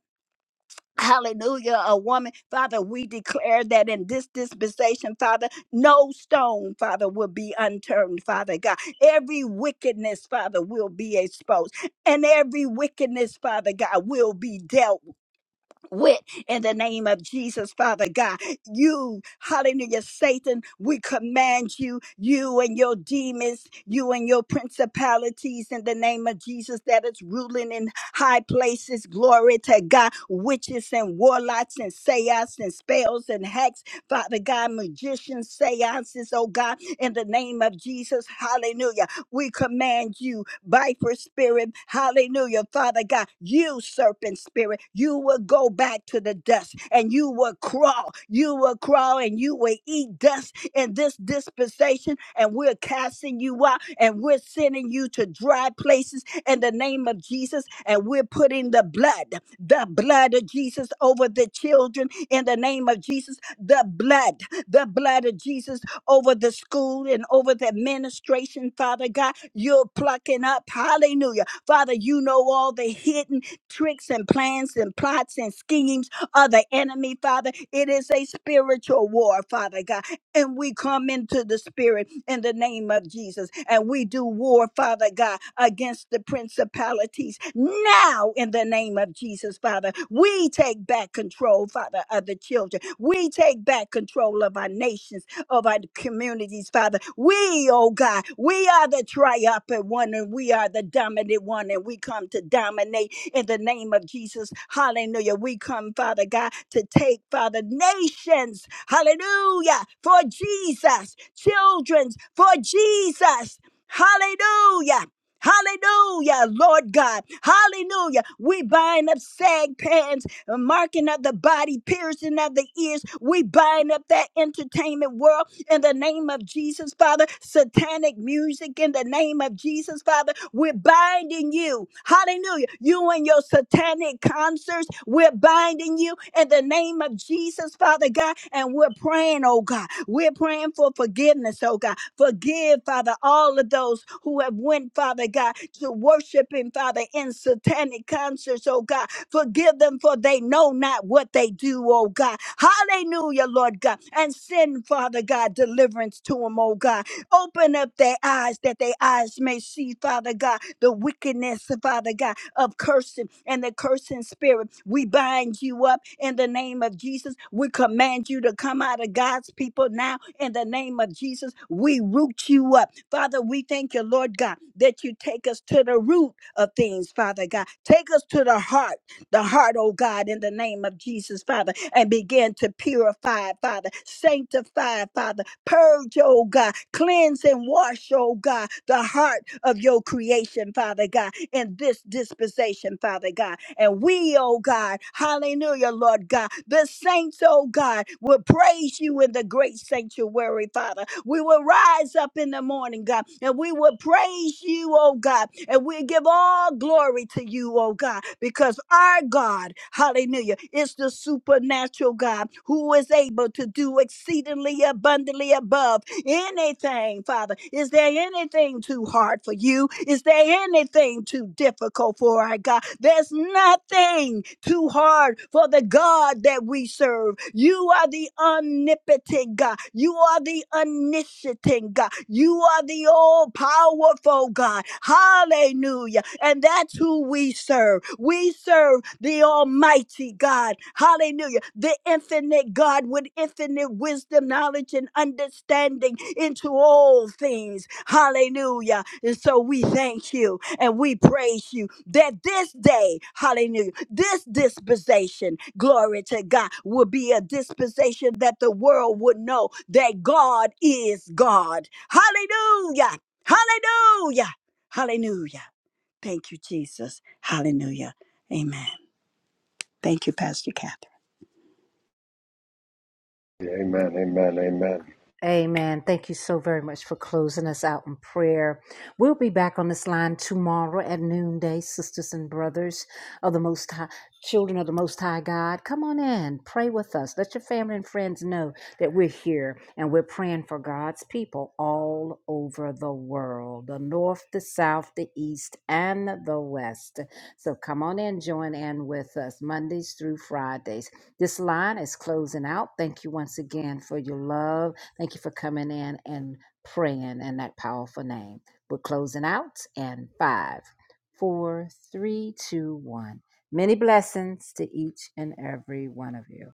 C: Hallelujah, a woman. Father, we declare that in this dispensation, Father, no stone, Father, will be unturned, Father God. Every wickedness, Father, will be exposed, and every wickedness, Father God, will be dealt with with in the name of Jesus, Father God. You, hallelujah, Satan, we command you, you and your demons, you and your principalities in the name of Jesus that is ruling in high places. Glory to God, witches and warlocks and seance and spells and hacks, Father God, magicians, seances, oh God, in the name of Jesus, hallelujah. We command you, viper spirit, hallelujah, Father God, you serpent spirit, you will go back to the dust and you will crawl. You will crawl and you will eat dust in this dispensation, and we're casting you out and we're sending you to dry places in the name of Jesus, and we're putting the blood, the blood of Jesus over the children in the name of Jesus, the blood, the blood of Jesus over the school and over the administration, Father God. You're plucking up. Hallelujah. Father, you know all the hidden tricks and plans and plots and schemes of the enemy, Father. It is a spiritual war, Father God. And we come into the spirit in the name of Jesus. And we do war, Father God, against the principalities now in the name of Jesus, Father. We take back control, Father, of the children. We take back control of our nations of our communities, Father. We, oh God, we are the triumphant one and we are the dominant one, and we come to dominate in the name of Jesus. Hallelujah. We come, Father God, to take, Father, nations, hallelujah, for Jesus, children's for Jesus. Hallelujah. Hallelujah, Lord God. Hallelujah. We bind up sag uh, marking of the body, piercing of the ears. We bind up that entertainment world in the name of Jesus, Father. Satanic music in the name of Jesus, Father. We're binding you. Hallelujah. You and your satanic concerts, we're binding you in the name of Jesus, Father God. And we're praying, oh God. We're praying for forgiveness, oh God. Forgive, Father, all of those who have went, Father God, to worshiping, Father, in satanic concerts, oh God Forgive them, for they know not what they do, oh God. Hallelujah, Lord God. And send, Father God, deliverance to them, oh God. Open up their eyes that their eyes may see, Father God, the wickedness, Father God, of cursing and the cursing spirit. We bind you up in the name of Jesus. We command you to come out of God's people now in the name of Jesus. We root you up. Father, we thank you, Lord God, that you take us to the root of things, Father God. Take us to the heart the heart, oh God, in the name of Jesus, Father, and begin to purify, Father, sanctify, Father, purge, oh God, cleanse and wash, oh God, the heart of your creation, Father God, in this dispensation, Father God. And we, oh God, hallelujah, Lord God, the saints, oh God, will praise you in the great sanctuary, Father. We will rise up in the morning, God, and we will praise you, oh God, and we give all glory to you, oh God, because our God, hallelujah, is the supernatural God who is able to do exceedingly abundantly above anything, Father. Is there anything too hard for you? Is there anything too difficult for our God? There's nothing too hard for the God that we serve. You are the omnipotent God. You are the omniscient God. You are the all powerful God. Hallelujah. And that's who we serve. We serve the Almighty. Mighty God, hallelujah, the infinite God with infinite wisdom, knowledge, and understanding into all things, hallelujah. And so we thank you and we praise you that this day, hallelujah, this disposition, glory to God, will be a disposition that the world would know that God is God, hallelujah, hallelujah, hallelujah. Thank you, Jesus, hallelujah, amen. Thank you, Pastor Kathy.
B: Amen. Amen. Amen.
A: Amen. Thank you so very much for closing us out in prayer. We'll be back on this line tomorrow at noonday, sisters and brothers of the Most High, children of the Most High God. Come on in, pray with us. Let your family and friends know that we're here and we're praying for God's people all over the world the north, the south, the east, and the west. So come on in, join in with us Mondays through Fridays. This line is closing out. Thank you once again for your love Thank you for coming in and praying in that powerful name. We're closing out in five, four, three, two, one. Many blessings to each and every one of you.